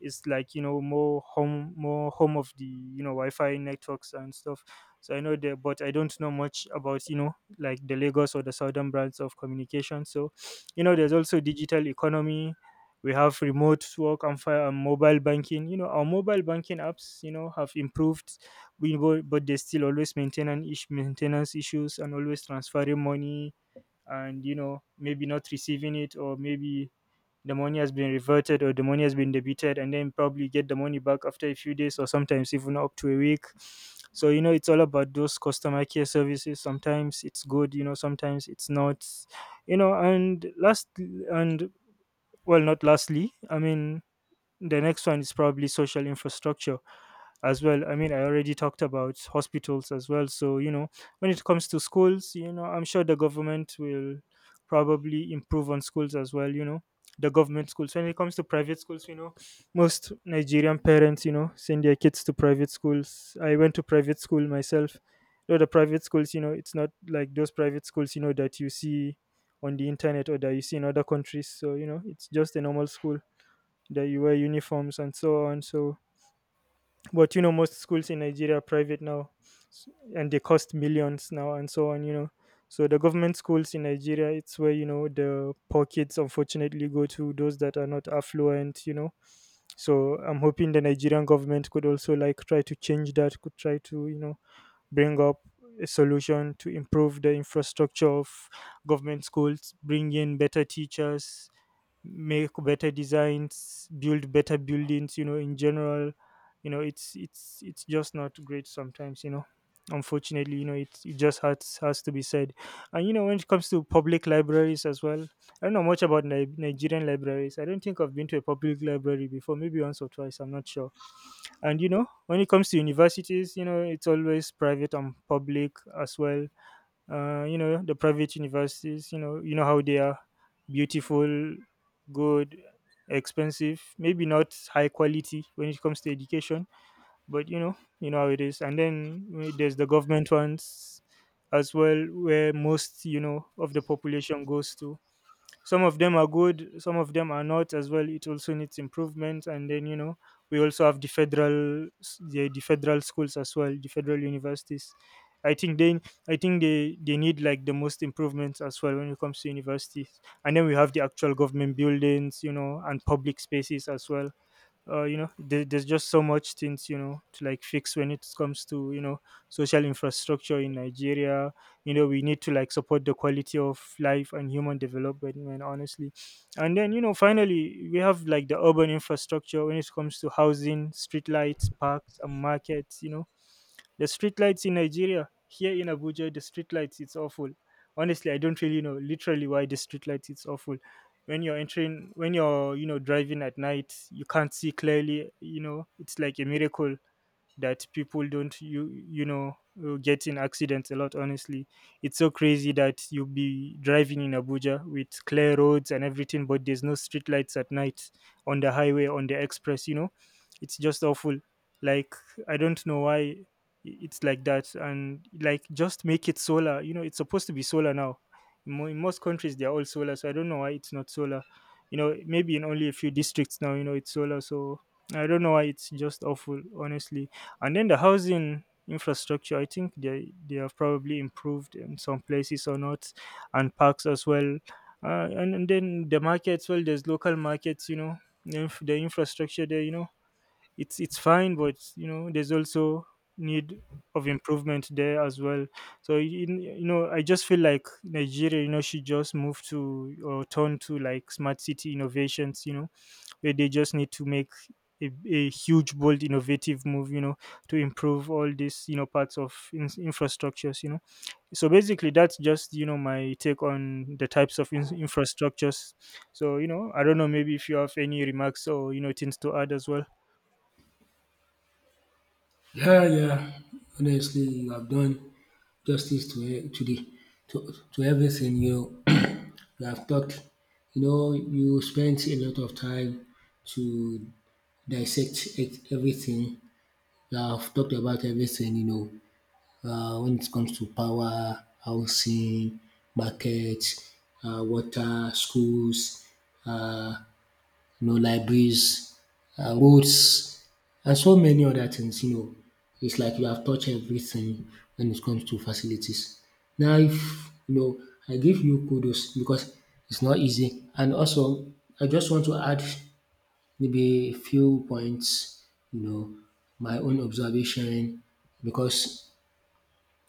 [SPEAKER 2] is like you know more home, more home of the you know Wi-Fi networks and stuff. So I know there, but I don't know much about, you know like the Lagos or the southern brands of communication. So you know, there's also digital economy. We have remote work, and, fi- and mobile banking. You know, our mobile banking apps, you know, have improved we go, but they still always maintain an issue, maintenance issues, and always transferring money, and you know maybe not receiving it, or maybe the money has been reverted, or the money has been debited, and then probably get the money back after a few days, or sometimes even up to a week. So you know it's all about those customer care services. Sometimes it's good, you know sometimes it's not. You know and last, and well, not lastly, I mean, the next one is probably social infrastructure as well. I mean, I already talked about hospitals as well. So, you know, when it comes to schools, you know, I'm sure the government will probably improve on schools as well, you know, the government schools. When it comes to private schools, you know, most Nigerian parents, you know, send their kids to private schools. I went to private school myself. Though the private schools, you know, it's not like those private schools, you know, that you see on the internet or that you see in other countries. So, you know, it's just a normal school that you wear uniforms and so on. So, but you know, most schools in Nigeria are private now, s- and they cost millions now and so on. You know, so the government schools in Nigeria, it's where you know the poor kids unfortunately go to, those that are not affluent. You know, so I'm hoping the Nigerian government could also like try to change that, could try to you know bring up a solution to improve the infrastructure of government schools, bring in better teachers, make better designs, build better buildings, you know, in general, you know, it's it's it's just not great sometimes, you know. Unfortunately, you know, it, it just has has to be said. And you know, when it comes to public libraries as well, I don't know much about Ni- Nigerian libraries. I don't think I've been to a public library before, maybe once or twice. I'm not sure. And you know, when it comes to universities, you know, it's always private and public as well. Uh, you know, the private universities, you know, you know how they are beautiful, good, expensive, maybe not high quality when it comes to education, but you know, you know how it is. And then uh, there's the government ones as well, where most, you know, of the population goes to. Some of them are good, some of them are not as well. It also needs improvement. And then, you know, we also have the federal s- the, the federal schools as well, the federal universities. I think they i think they they need like the most improvements as well when it comes to universities. And then we have the actual government buildings, you know, and public spaces as well. Uh, you know, there, there's just so much things, you know, to like fix when it comes to, you know, social infrastructure in Nigeria. You know, we need to like support the quality of life and human development, man, honestly. And then, you know, finally we have like the urban infrastructure when it comes to housing, streetlights, parks and markets, you know. The streetlights in Nigeria, here in Abuja, the streetlights, it's awful. Honestly, I don't really know literally why the streetlights it's awful. When you're entering, when you're, you know, driving at night, you can't see clearly, you know. It's like a miracle that people don't you you know uh, get in accidents a lot, honestly. It's so crazy that you'll be driving in Abuja with clear roads and everything, but there's no street lights at night on the highway, on the express, you know. It's just awful. Like, I don't know why i- it's like that. And like, just make it solar, you know, it's supposed to be solar now. In, mo- in most countries they're all solar, so I don't know why it's not solar. You know, maybe in only a few districts now, you know, it's solar. So I don't know why, it's just awful honestly. And then the housing infrastructure, I think they, they have probably improved in some places or not, and parks as well. Uh, and, and then the markets, well, there's local markets, you know, the inf- the infrastructure there, you know, it's it's fine, but you know, there's also need of improvement there as well. So you, you know, I just feel like Nigeria, you know, should just move to or turn to like smart city innovations, you know, where they just need to make a, a huge bold innovative move, you know, to improve all these, you know, parts of in- infrastructures, you know. So basically that's just, you know, my take on the types of in- infrastructures. So you know, I don't know, maybe if you have any remarks or, you know, things to add as well.
[SPEAKER 1] Yeah, yeah. Honestly, you have done justice to e- to the to, to everything you [clears throat] you have talked. You know, you spent a lot of time to dissect it, everything. You have talked about everything. You know, uh, when it comes to power, housing, market, uh, water, schools. Uh, you know, libraries, uh, roads, and so many other things. You know, it's like you have touched everything when it comes to facilities. Now, if you know, I give you kudos because it's not easy. And also, I just want to add maybe a few points, you know, my own observation because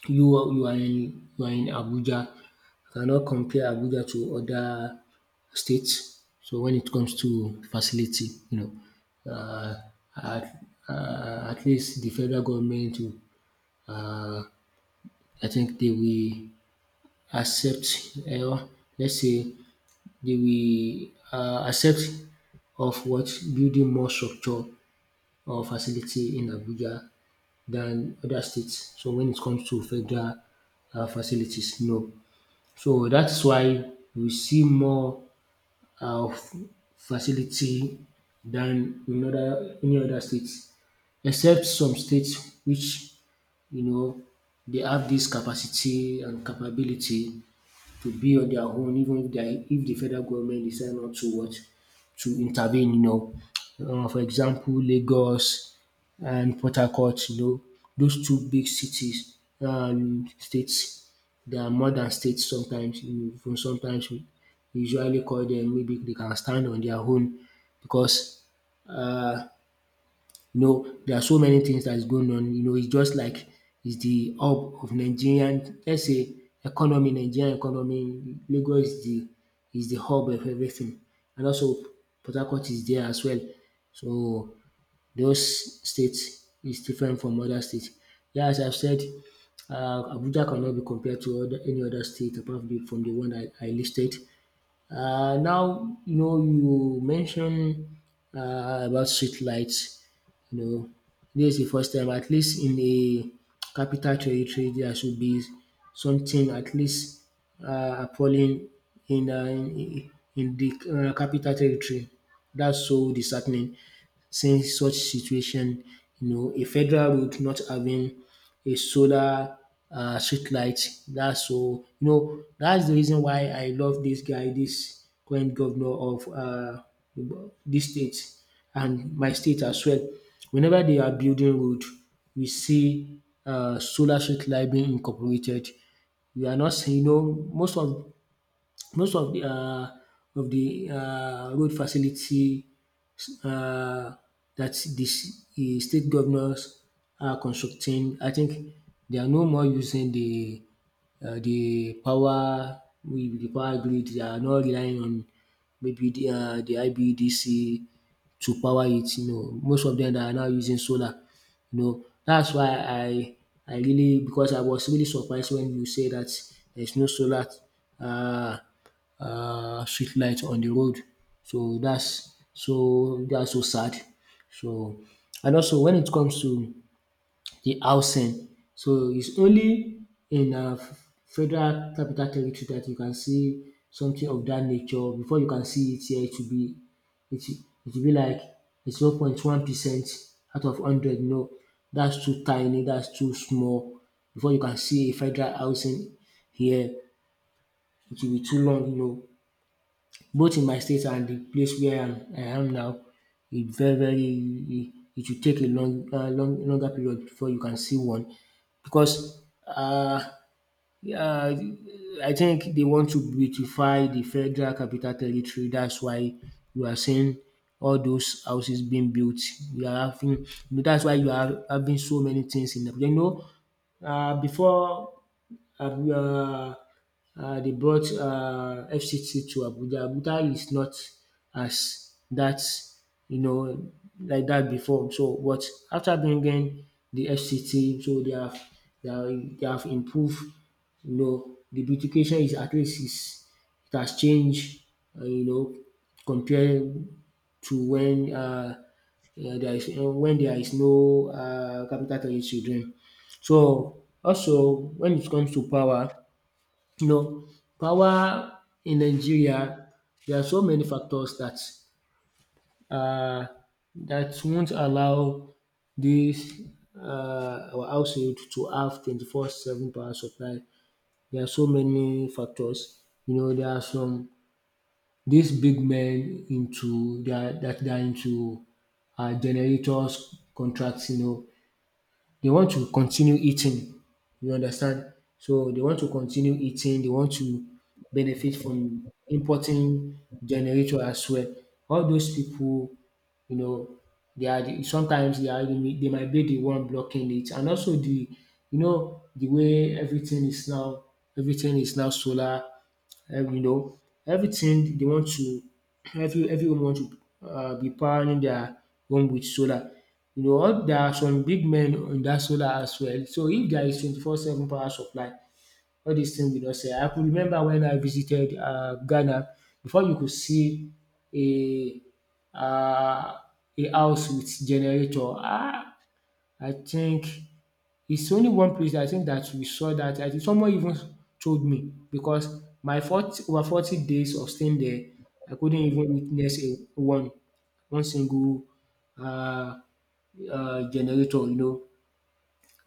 [SPEAKER 1] you are you are in you are in Abuja. You cannot compare Abuja to other states. So when it comes to facility, you know, uh, at, uh, at least the federal government will, uh, I think they will accept, uh, let's say, they will uh, accept of what building more structure or facility in Abuja than other states. So when it comes to federal uh, facilities, no. So that's why we see more uh, of facility than in other any other states, except some states which you know they have this capacity and capability to be on their own even if their if the federal government decide not to what to intervene, you know. um For example, Lagos and Port Harcourt, you know, those two big cities, um states, they are more than states sometimes. You know, sometimes we usually call dem maybe they can stand on their own because um you know, there are so many things that is going on. You know, it's just like it's the hub of Nigerian, let's say, economy, Nigerian economy. Lagos is the is the hub of everything, and also Port Harcourt is there as well. So those states is different from other states. Yeah, as I've said, uh, Abuja cannot be compared to other, any other state apart from the, from the one I, I listed. Uh, now, you know, you mentioned uh, about street lights. You know, this is the first time, at least in the capital territory, there should be something at least uh, appalling in, uh, in in the uh, capital territory. That's so disheartening since such situation, you know, a federal road not having a solar um street light dats so you know that's the reason why I love this guy, this current governor of um dis state and my state as well. Whenever they are building road we see um solar street light being incorporated. We are not seeing, you know, most of most of the um of the um road facility um that the s- the state governors are constructing. I think they are no more using the um the power with the power grid. They are not relying on maybe the um the I B D C to power it. You know, most of them are now using solar. You know, that's why I I really because I was really surprised when you say that there's no solar um uh, street light on the road. So that's so that's so sad. So and also when it comes to the housing, so it's only in uh, federal capital territory that you can see something of that nature. Before you can see it here, it will be it it will be like zero point one percent out of hundred. No, that's too tiny. That's too small. Before you can see a federal housing here, it will be too long. You know, both in my state and the place where I'm, I am now, it very very it will take a long, uh, long longer period before you can see one because uh, uh, I think they want to beautify the federal capital territory. That's why you are seeing all those houses being built. You are having that's why you are having so many things in Abuja. You know, uh, before um um they brought um F C T to Abuja. Abuja is not as that, you know, like that before. So but after bringing the F C T, so they have they have they have improved, you know. The beautification is at least is it has changed, um you know, compared to when um there is uh, when there is no um capital territory then. So also when it comes to power, you know, power in Nigeria, there are so many factors that uh, that won't allow this uh, our household to have twenty four seven power supply. There are so many factors. You know, there are some these big men into that that they are into uh, generators contracts. You know, they want to continue eating, you understand. So they want to continue eating, they want to benefit from importing generator as well. All those people, you know, they are the, sometimes they are the, they might be the one blocking it, and also the, you know, the way everything is now, everything is now solar, um you know, everything they want to every everyone want to uh be powering their home with solar. You know all there are some big men on that solar as well. So if there is twenty four seven power supply all dis thing will not sell. I could remember when I visited uh Ghana, before you could see a uh a house with generator. Ah, I think it's only one place I think that we saw that. I think someone even told me because my forty over forty days of staying there, I couldn't even witness a one one single uh, uh, generator, you know.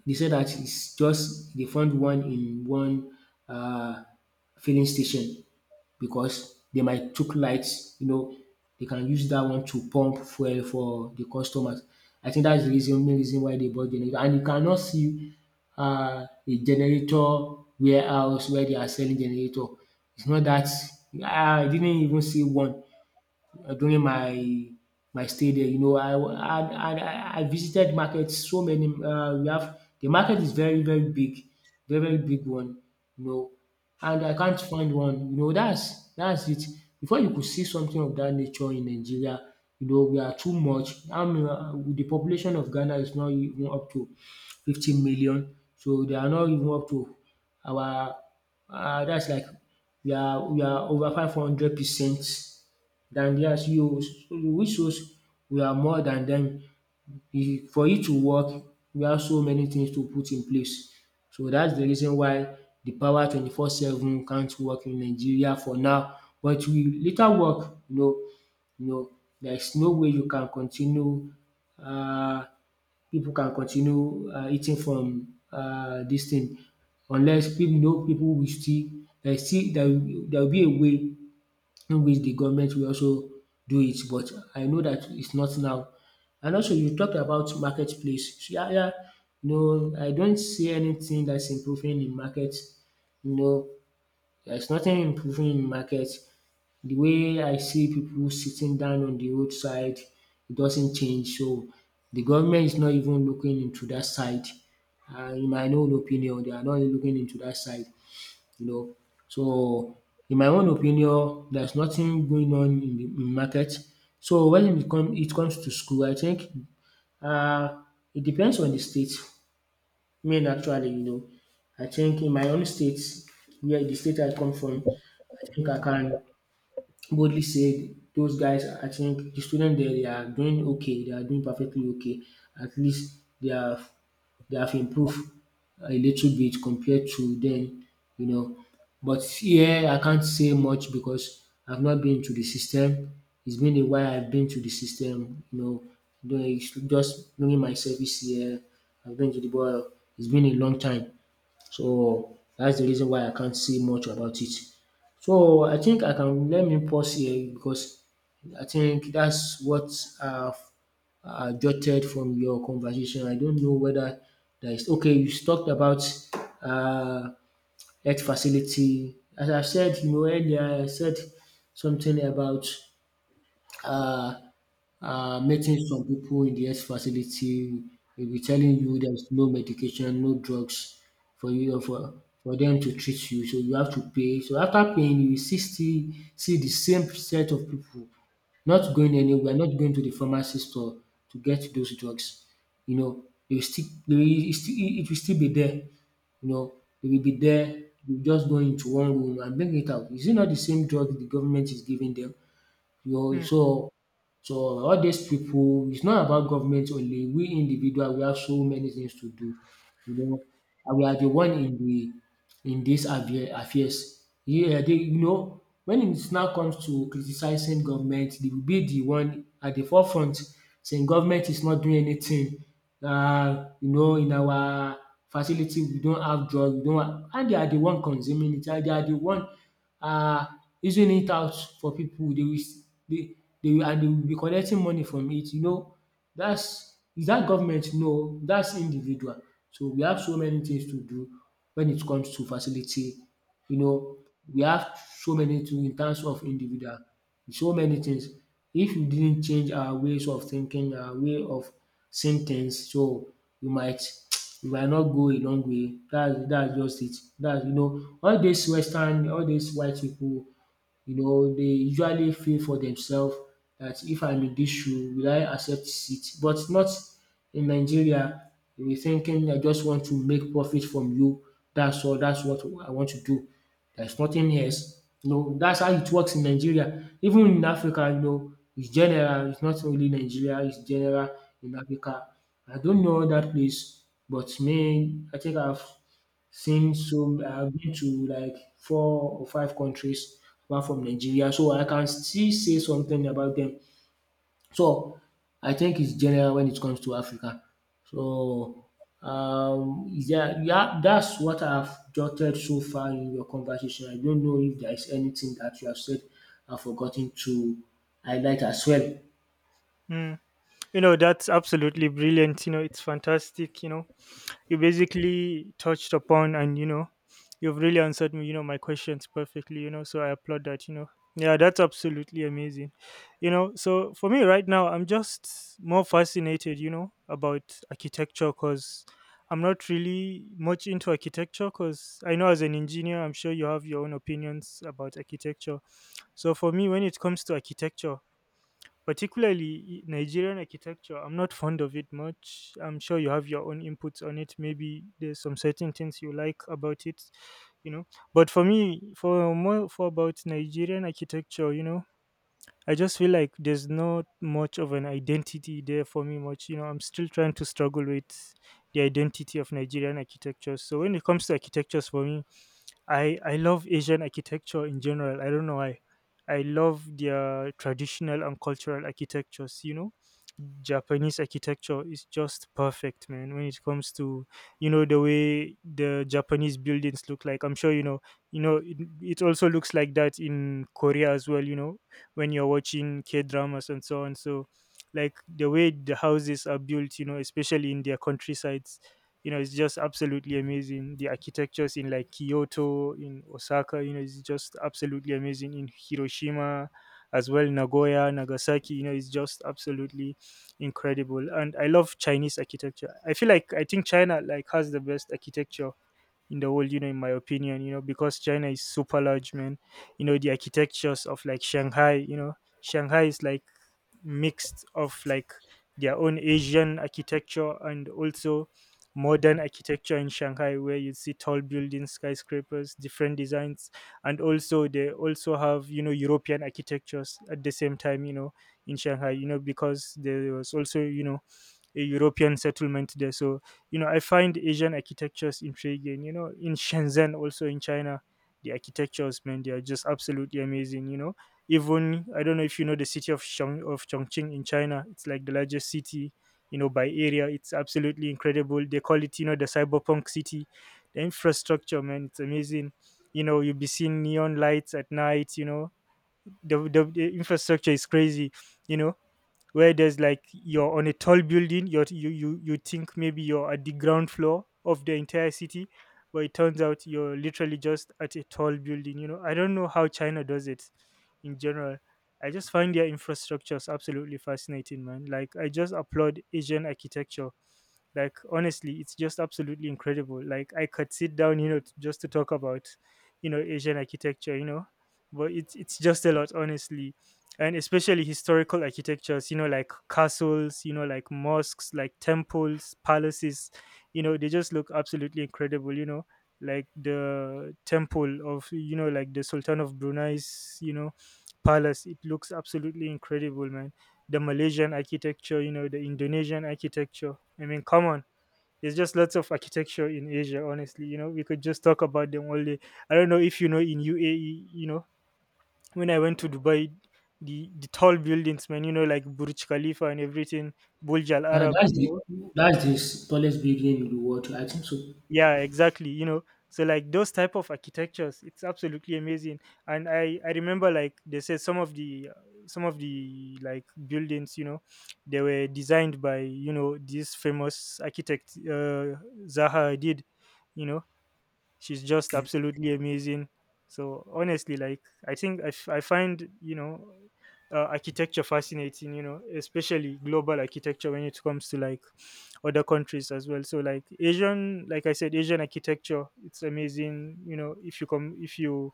[SPEAKER 1] They said that it's just they found one in one uh, filling station because they might took lights, you know, they can use that one to pump fuel for the customers. I think that's the reason main reason why they bought generator. And you cannot see um a generator warehouse where they are selling generator. It's not that, ah, I didn't even see one uh, during my my stay there. You know, I I I I visited markets so many. um We have the market is very very big, very very big one. You know, and I can't find one. You know, that's that's it. Before you could see something of that nature in Nigeria, you know, we are too much. I mean, uh, the population of Ghana is not even up to fifty million, so they are not even up to our. Uh, that's like we are we are over five hundred percent than theirs. You which shows we are more than dem. For it to work we have so many things to put in place. So that's the reason why the power twenty four seven can't work in Nigeria for now but we later work, you know, you know, there's no way you can continue. Uh, People can continue um eating from uh this thing unless people know people will still there still there will there will be a way in which the government will also do it, but I know that it's not now. And also you talked about marketplace. So, yeah, yeah, you know, I don't see anything that's improving in market. You know, there's nothing improving in market. The way I see people sitting down on the roadside, it doesn't change. So the government is not even looking into that side. Uh, in my own opinion, they are not looking into that side, you know. So in my own opinion, there's nothing going on in the in market. So when it come it comes to school, I think um it depends on the state. Me actually, you know, I think in my own state where the state I come from, I think I can boldly say those guys, I think the students there, they are doing okay. They are doing perfectly okay. At least they are they have improved a little bit compared to then, you know. But here I can't say much because I've not been to the system. It's been a while I've been to the system, you know, doing just doing my service here. I've been to the ball. It's been a long time. So that's the reason why I can't say much about it. So I think I can let me pause here because I think that's what I've uh, jotted from your conversation. I don't know whether there is okay. You talked about uh, health facility. As I said, you know, earlier, I said something about uh, uh, meeting some people in the health facility will be telling you there's no medication, no drugs for you for for them to treat you. So you have to pay. So after paying, you will see still see the same set of people not going anywhere, not going to the pharmacy store to get those drugs. You know, they will still, they will, it, still- it will still be there. You know, they will be there. You just go into one room and bring it out. Is it not the same drug the government is giving them? You
[SPEAKER 2] Mm,
[SPEAKER 1] so so all these people. It's not about government only. We individual we have so many things to do. You know, and we are the one in the in these affair affairs. Yeah, they you know when it now comes to criticizing government, they will be the one at the forefront saying government is not doing anything. Um you know in our facility we don't have drug, we don't have, and they are the one consuming it, and they are the one um using it out for people. They will s- they they will and they will be collecting money from it. You know, that's, is that government? No, that's individual. So we have so many things to do when it comes to facility. You know, we have so many, to in terms of individual, so many things. If we didn't change our ways of thinking, our way of seeing things, so we might [tsk] we might not go a long way. That's that's just it. That's, you know, all these Western, all these white people, you know, they usually feel for themselves, that if I'm in this shoe, will I accept it? But not in Nigeria. We're thinking, I just want to make profit from you. That's all. That's what I want to do. There's nothing else. You know, that's how it works in Nigeria. Even in Africa, you know, it's general. It's not only Nigeria. It's general in Africa. I don't know that place, but me, I think I've since so I've been to like four or five countries apart from Nigeria, so I can still say something about them. So I think it's general when it comes to Africa. So um yeah, yeah, that's what I've jotted so far in your conversation. I don't know if there is anything that you have said I've forgotten to highlight as well.
[SPEAKER 2] mm. You know, that's absolutely brilliant, you know, it's fantastic, you know. You basically touched upon, and you know, you've really answered me, you know, my questions perfectly, you know, so I applaud that, you know. Yeah, that's absolutely amazing. You know, so for me right now, I'm just more fascinated, you know, about architecture. Because I'm not really much into architecture, because I know as an engineer, I'm sure you have your own opinions about architecture. So for me, when it comes to architecture, particularly Nigerian architecture, I'm not fond of it much. I'm sure you have your own inputs on it. Maybe there's some certain things you like about it, you know. But for me, for more for about Nigerian architecture, you know, I just feel like there's not much of an identity there for me much. You know, I'm still trying to struggle with the identity of Nigerian architecture. So when it comes to architectures for me, I I love Asian architecture in general. I don't know why. I love their traditional and cultural architectures. You know, Japanese architecture is just perfect, man. When it comes to, you know, the way the Japanese buildings look like. I'm sure you know. You know, it, it also looks like that in Korea as well. You know, when you're watching K dramas and so on. So, like the way the houses are built, you know, especially in their countryside, you know, it's just absolutely amazing, the architectures in like Kyoto, in Osaka, you know, it's just absolutely amazing in Hiroshima as well, Nagoya, Nagasaki, you know, it's just absolutely incredible. And I love Chinese architecture, I feel like, I think China like has the best architecture in the world, you know, in my opinion. You know, because China is super large, man. You know, the architectures of like Shanghai, you know, Shanghai is like mixed of like their own Asian architecture and also modern architecture. In Shanghai, where you see tall buildings, skyscrapers, different designs, and also they also have, you know, European architectures at the same time, you know, in Shanghai, you know, because there was also, you know, a European settlement there. So, you know, I find Asian architectures intriguing. You know, in Shenzhen, also in China, the architectures, man, they are just absolutely amazing. You know, even, I don't know if you know the city of Chong, of Chongqing in China. It's like the largest city, you know, by area. It's absolutely incredible. They call it, you know, the cyberpunk city. The infrastructure, man, it's amazing. You know, you'll be seeing neon lights at night. You know, the the, the infrastructure is crazy. You know, where there's like, you're on a tall building, you're, you you you think maybe you're at the ground floor of the entire city, but it turns out you're literally just at a tall building. You know, I don't know how China does it. In general, I just find their infrastructures absolutely fascinating, man. Like, I just applaud Asian architecture, like, honestly, it's just absolutely incredible. Like, I could sit down, you know, t- just to talk about, you know, Asian architecture, you know, but it's it's just a lot honestly. And especially historical architectures, you know, like castles, you know, like mosques, like temples, palaces, you know, they just look absolutely incredible, you know. Like the temple of, you know, like the Sultan of Brunei's, you know, palace, it looks absolutely incredible, man. The Malaysian architecture, you know, the Indonesian architecture, I mean, come on, there's just lots of architecture in Asia honestly. You know, we could just talk about them all day. I don't know if you know, in UAE, you know, when I went to Dubai, the, the tall buildings, man, you know, like Burj Khalifa and everything, Burj Al
[SPEAKER 1] Uh,
[SPEAKER 2] Arab,
[SPEAKER 1] that's
[SPEAKER 2] you
[SPEAKER 1] the
[SPEAKER 2] know.
[SPEAKER 1] that's the tallest building in the world, I think so.
[SPEAKER 2] Yeah, exactly, you know. So like those type of architectures, it's absolutely amazing. And I I remember, like, they said some of the uh, some of the like buildings, you know, they were designed by, you know, this famous architect, uh, Zaha Hadid, you know. She's just absolutely amazing. So honestly, like, I think i, f- I find, you know, uh, architecture fascinating, you know, especially global architecture when it comes to like other countries as well. So like Asian, like I said, Asian architecture, it's amazing. You know, if you come, if you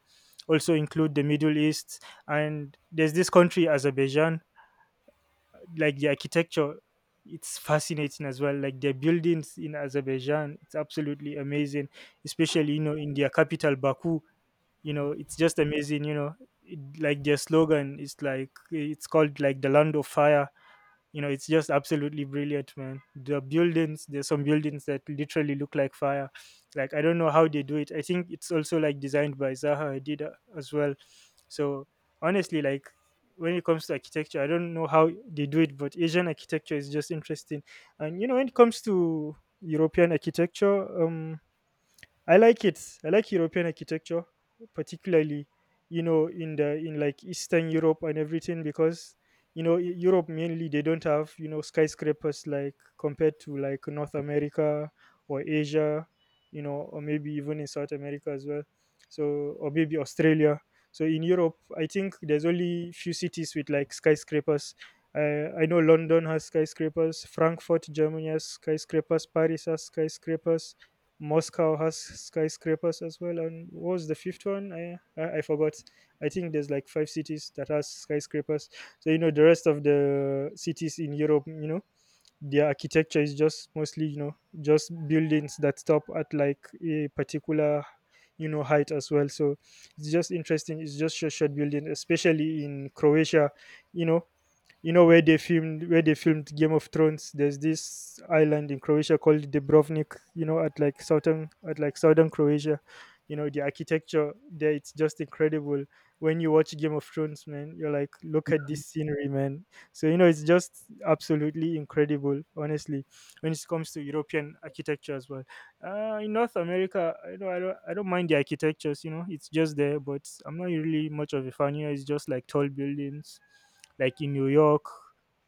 [SPEAKER 2] also include the Middle East, and there's this country Azerbaijan, like the architecture, it's fascinating as well. Like their buildings in Azerbaijan, it's absolutely amazing, especially, you know, in their capital Baku, you know, it's just amazing, you know. It, like their slogan is like, it's called like the Land of Fire, you know, it's just absolutely brilliant, man. The buildings, there's some buildings that literally look like fire. Like, I don't know how they do it. I think it's also like designed by Zaha Hadid, uh, as well. So honestly, like, when it comes to architecture, I don't know how they do it, but Asian architecture is just interesting. And you know, when it comes to European architecture, um I like it. I like European architecture, particularly, you know, in the in like Eastern Europe and everything, because, you know, Eu- Europe mainly they don't have, you know, skyscrapers like compared to like North America or Asia, you know, or maybe even in South America as well. So, or maybe Australia. So in Europe, I think there's only few cities with like skyscrapers. Uh, I know London has skyscrapers, Frankfurt, Germany has skyscrapers, Paris has skyscrapers, Moscow has skyscrapers as well. And what was the fifth one? I, I I forgot. I think there's like five cities that has skyscrapers. So you know the rest of the cities in Europe, you know, their architecture is just mostly, you know, just buildings that stop at like a particular, you know, height as well. So it's just interesting. It's just short, short building, especially in Croatia. You know, you know where they filmed, where they filmed Game of Thrones. There's this island in Croatia called Dubrovnik. You know, at like southern, at like southern Croatia. You know, the architecture there, it's just incredible. When you watch Game of Thrones, man, you're like, look at this scenery, man. So you know, it's just absolutely incredible, honestly, when it comes to European architecture as well. Uh, in North America, I don't, I don't, I don't mind the architectures. You know, it's just there, but I'm not really much of a fan. You know, it's just like tall buildings, like in New York,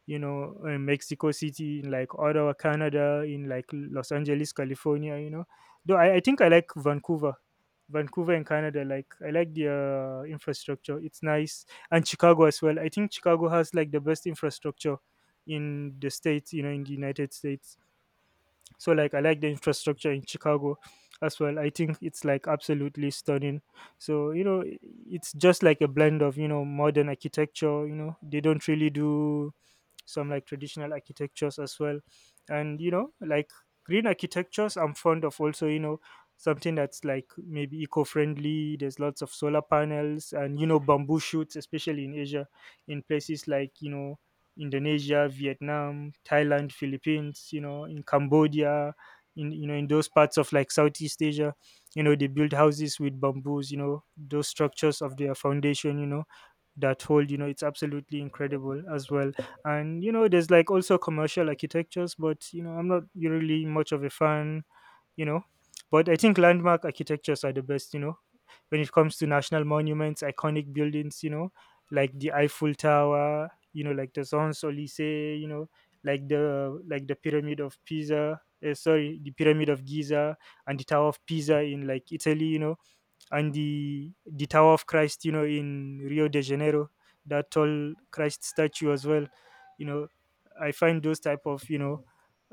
[SPEAKER 2] you know, in Mexico City, in like Ottawa, Canada, in like Los Angeles, California. You know, though I, I think I like Vancouver, Vancouver in Canada. Like I like the uh, infrastructure. It's nice, and Chicago as well. I think Chicago has like the best infrastructure in the states. You know, in the United States. So like I like the infrastructure in Chicago as well. I think it's like absolutely stunning. So you know, i- it's just like a blend of, you know, modern architecture. You know, they don't really do some like traditional architectures as well. And you know, like green architectures, I'm fond of also, you know, something that's like maybe eco-friendly. There's lots of solar panels and, you know, bamboo shoots, especially in Asia, in places like, you know, Indonesia, Vietnam, Thailand, Philippines, you know, in Cambodia, in, you know, in those parts of like Southeast Asia, you know, they build houses with bamboos, you know, those structures of their foundation, you know, that hold, you know, it's absolutely incredible as well. And you know, there's like also commercial architectures, but, you know, I'm not really much of a fan, you know. But I think landmark architectures are the best, you know, when it comes to national monuments, iconic buildings, you know, like the Eiffel Tower, you know, like the Champs Elysees, you know, like the, like the pyramid of Pisa, uh, sorry, the pyramid of Giza, and the Tower of Pisa in like Italy, you know, and the the Tower of Christ, you know, in Rio de Janeiro, that tall Christ statue as well. You know, I find those type of, you know,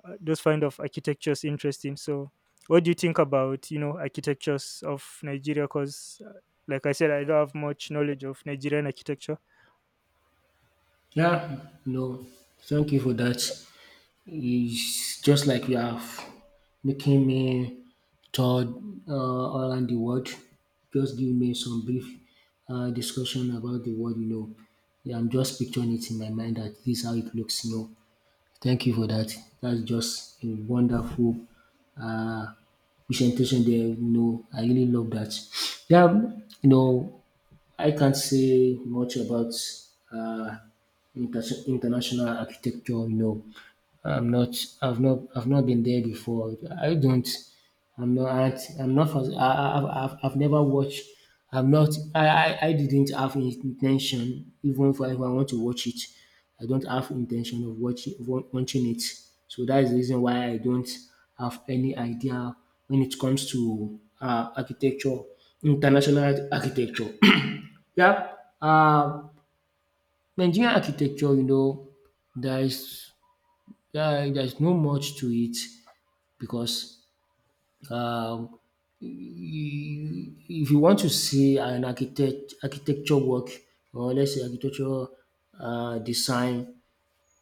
[SPEAKER 2] uh, those kind of architectures interesting. So, what do you think about, you know, architectures of Nigeria? Because, like I said, I don't have much knowledge of Nigerian architecture.
[SPEAKER 1] Yeah, no. Thank you for that. It's just like you have making me toured uh, around the world. Just give me some brief uh, discussion about the world, you know. Yeah, I'm just picturing it in my mind that this is how it looks, you know. Thank you for that. That's just a wonderful uh, presentation there, you know. I really love that. Yeah, you know, I can't say much about uh, inter- international architecture. No, I'm not. I've not. I've not been there before. I don't. I'm not. Aren't- I'm not. Fas- I, I, I've, I've I've never watched. I'm not. I, I. I didn't have intention. Even if I, if I want to watch it, I don't have intention of watching wa- watching it. So that is the reason why I don't have any idea when it comes to uh, architecture, international architecture. Yeah, um, Nigerian architecture, you know, there is there there is no much to it because, um, if you want to see an architect architecture work, or let's say architectural uh, design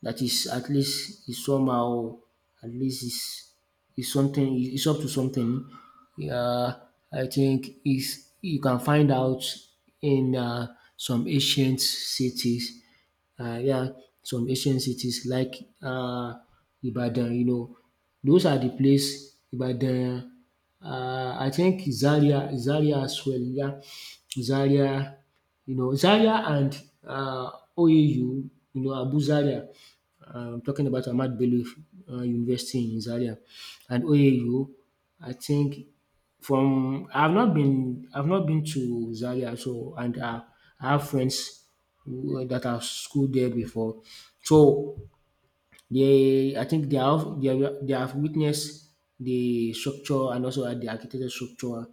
[SPEAKER 1] that is at least is somehow, at least is is something, is up to something. Yeah, I think is you can find out in uh, some ancient cities, uh, yeah, some ancient cities like uh, Ibadan, you know, those are the place, Ibadan. Uh, I think Zaria, Zaria as well, yeah, Zaria, you know, Zaria and uh, O A U, you know, Abu Zaria. Uh, I'm talking about Ahmad Bello uh, University in Zaria and O A U. I think from I've not been I've not been to Zaria, so, and uh, I have friends that have schooled there before. So they, I think they have they have, they have witnessed the structure and also the architecture structure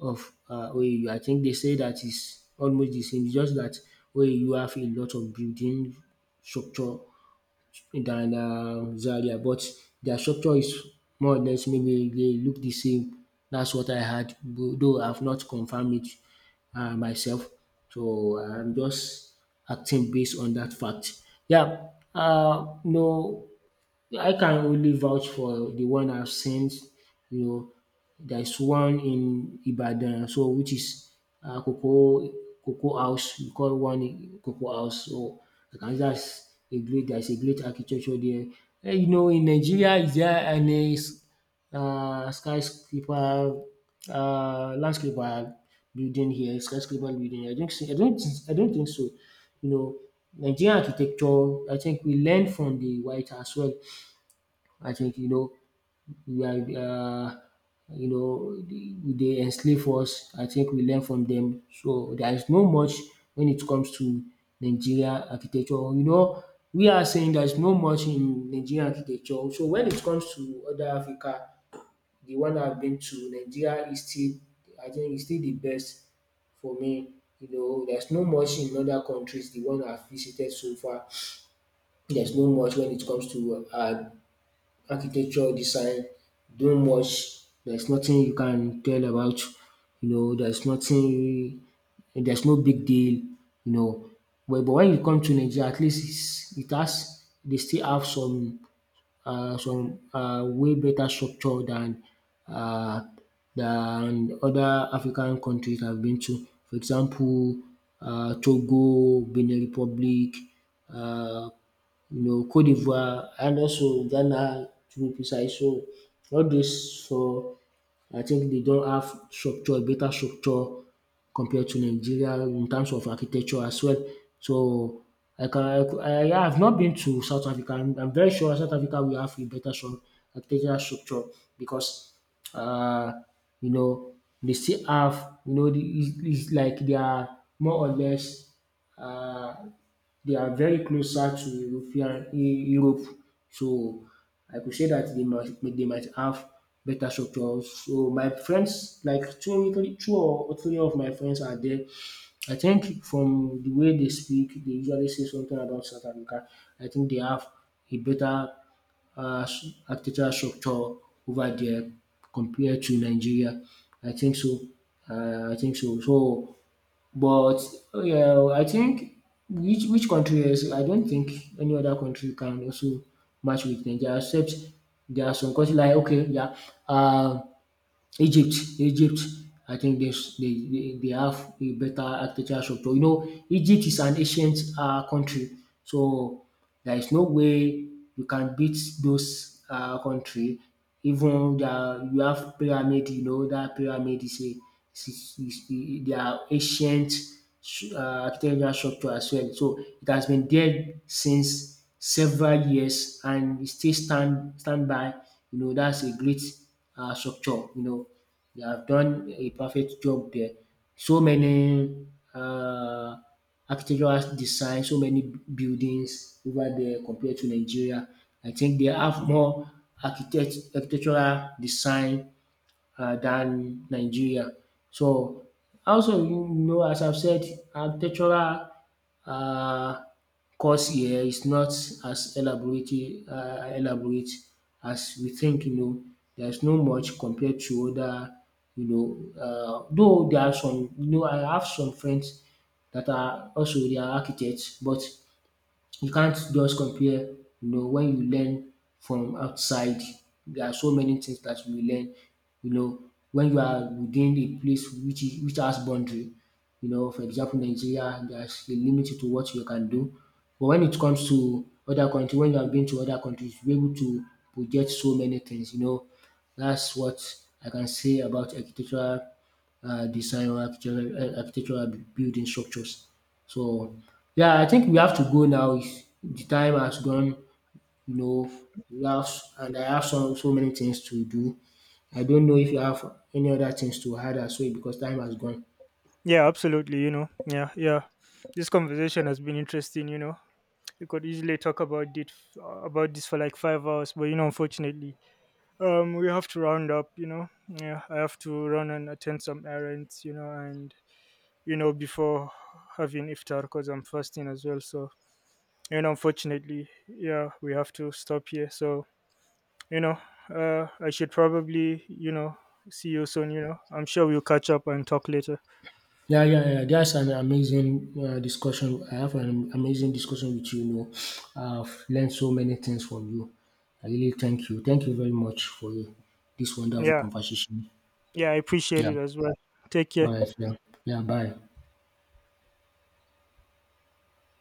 [SPEAKER 1] of uh, O A U. I think they say that is almost the same. It's just that O A U have a lot of building structure than um Zaria, but their structure is more or less, maybe they look the same. That's what I heard, though I've not confirmed it um myself. So I'm just acting based on that fact. Yeah, um no, I can only vouch for the one I've seen. You know, there's one in Ibadan, so, which is uh, Cocoa Cocoa House. We call one in Cocoa House. So I can, that's a great. There's a great architecture there. Eh, you know, in Nigeria, is there any s- uh, skyscraper, uh, landscaper building here? Skyscraper building? I don't. see- I don't. I don't think so. You know, Nigerian architecture, I think we learn from the white as well. I think, you know, we are, uh, you know, the- they enslave us. I think we learn from them. So there is no much when it comes to Nigeria architecture. You know, we are saying there is no much in Nigerian architecture. So when it comes to other Africa, the one I've been to, Nigeria is still, I think is still the best for me. You know, there's no much in other countries. The one I've visited so far, there's no much when it comes to uh, architecture design doing much. There's nothing you can tell about, you know, there's nothing, there's no big deal, you know. But, but when you come to Nigeria, at least it's, it has, they still have some, uh, some uh, way better structure than uh, than other African countries I've been to. For example, uh, Togo, Benin Republic, uh, you know, Cote d'Ivoire, and also Ghana, to be precise. So all dis four, I think they don't have structure, better structure compared to Nigeria in terms of architecture as well. So I can I cou- I I have not been to South Africa. I'm I'm very sure South Africa will have a better stru architectural structure because, uh, you know, they still have, you know, the, it's it's like they are more or less, um they are very closer to European, E- Europe. So I could say that they might they might have better structures. So my friends, like two three two or three of my friends are there. I think from the way they speak, they usually say something about South Africa. I think they have a better uh, s- architectural structure over there compared to Nigeria. I think so. Uh, I think so. So, but, oh yeah, well, I think, which which country else? I don't think any other country can also match with Nigeria except there are some countries like, okay, yeah, um Egypt, Egypt. I think they s- they they they have a better architecture structure. You know, Egypt is an ancient um country, so there is no way you can beat those um country. Even their, you have pyramid, you know, that pyramid is a is is is is their ancient um architectural structure as well. So it has been there since several years, and e still stand stand by. You know, that's a great uh, structure, you know. They have done a perfect job there. So many uh, architectural design, so many buildings over there compared to Nigeria. I think they have more architect architectural design um than Nigeria. So also, you know, as I've said, architectural uh, course here is not as elaborate, uh, elaborate as we think, you know. There's no much compared to other, you know, uh, though there are some, you know, I have some friends that are also, they are architects, but you can't just compare, you know, when you learn from outside, there are so many things that you will learn, you know, when you are within a place which is, which has boundary, you know, for example, Nigeria, there's a limit to what you can do. But when it comes to other country, when you have been to other countries, you're able to project so many things, you know. That's what I can say about architectural uh, design, or architectural, uh, architectural building structures. So, yeah, I think we have to go now. It's- the time has gone, you know, we have, and I have so, so many things to do. I don't know if you have any other things to add as well, because time has gone.
[SPEAKER 2] Yeah, absolutely. You know, yeah, yeah. This conversation has been interesting. You know, we could easily talk about it about this for like five hours, but you know, unfortunately, um, we have to round up. You know, yeah, I have to run and attend some errands. You know, and you know, before having iftar, because I'm fasting as well. So you know, unfortunately, yeah, we have to stop here. So you know, uh, I should probably, you know, see you soon. You know, I'm sure we'll catch up and talk later.
[SPEAKER 1] Yeah, yeah, yeah. That's an amazing uh, discussion. I have an amazing discussion with you. You know, I've learned so many things from you. I really thank you. Thank you very much for this wonderful
[SPEAKER 2] Yeah.
[SPEAKER 1] conversation.
[SPEAKER 2] Yeah, I appreciate
[SPEAKER 1] Yeah.
[SPEAKER 2] it as well. Take care.
[SPEAKER 1] All right. Yeah. Yeah. Bye.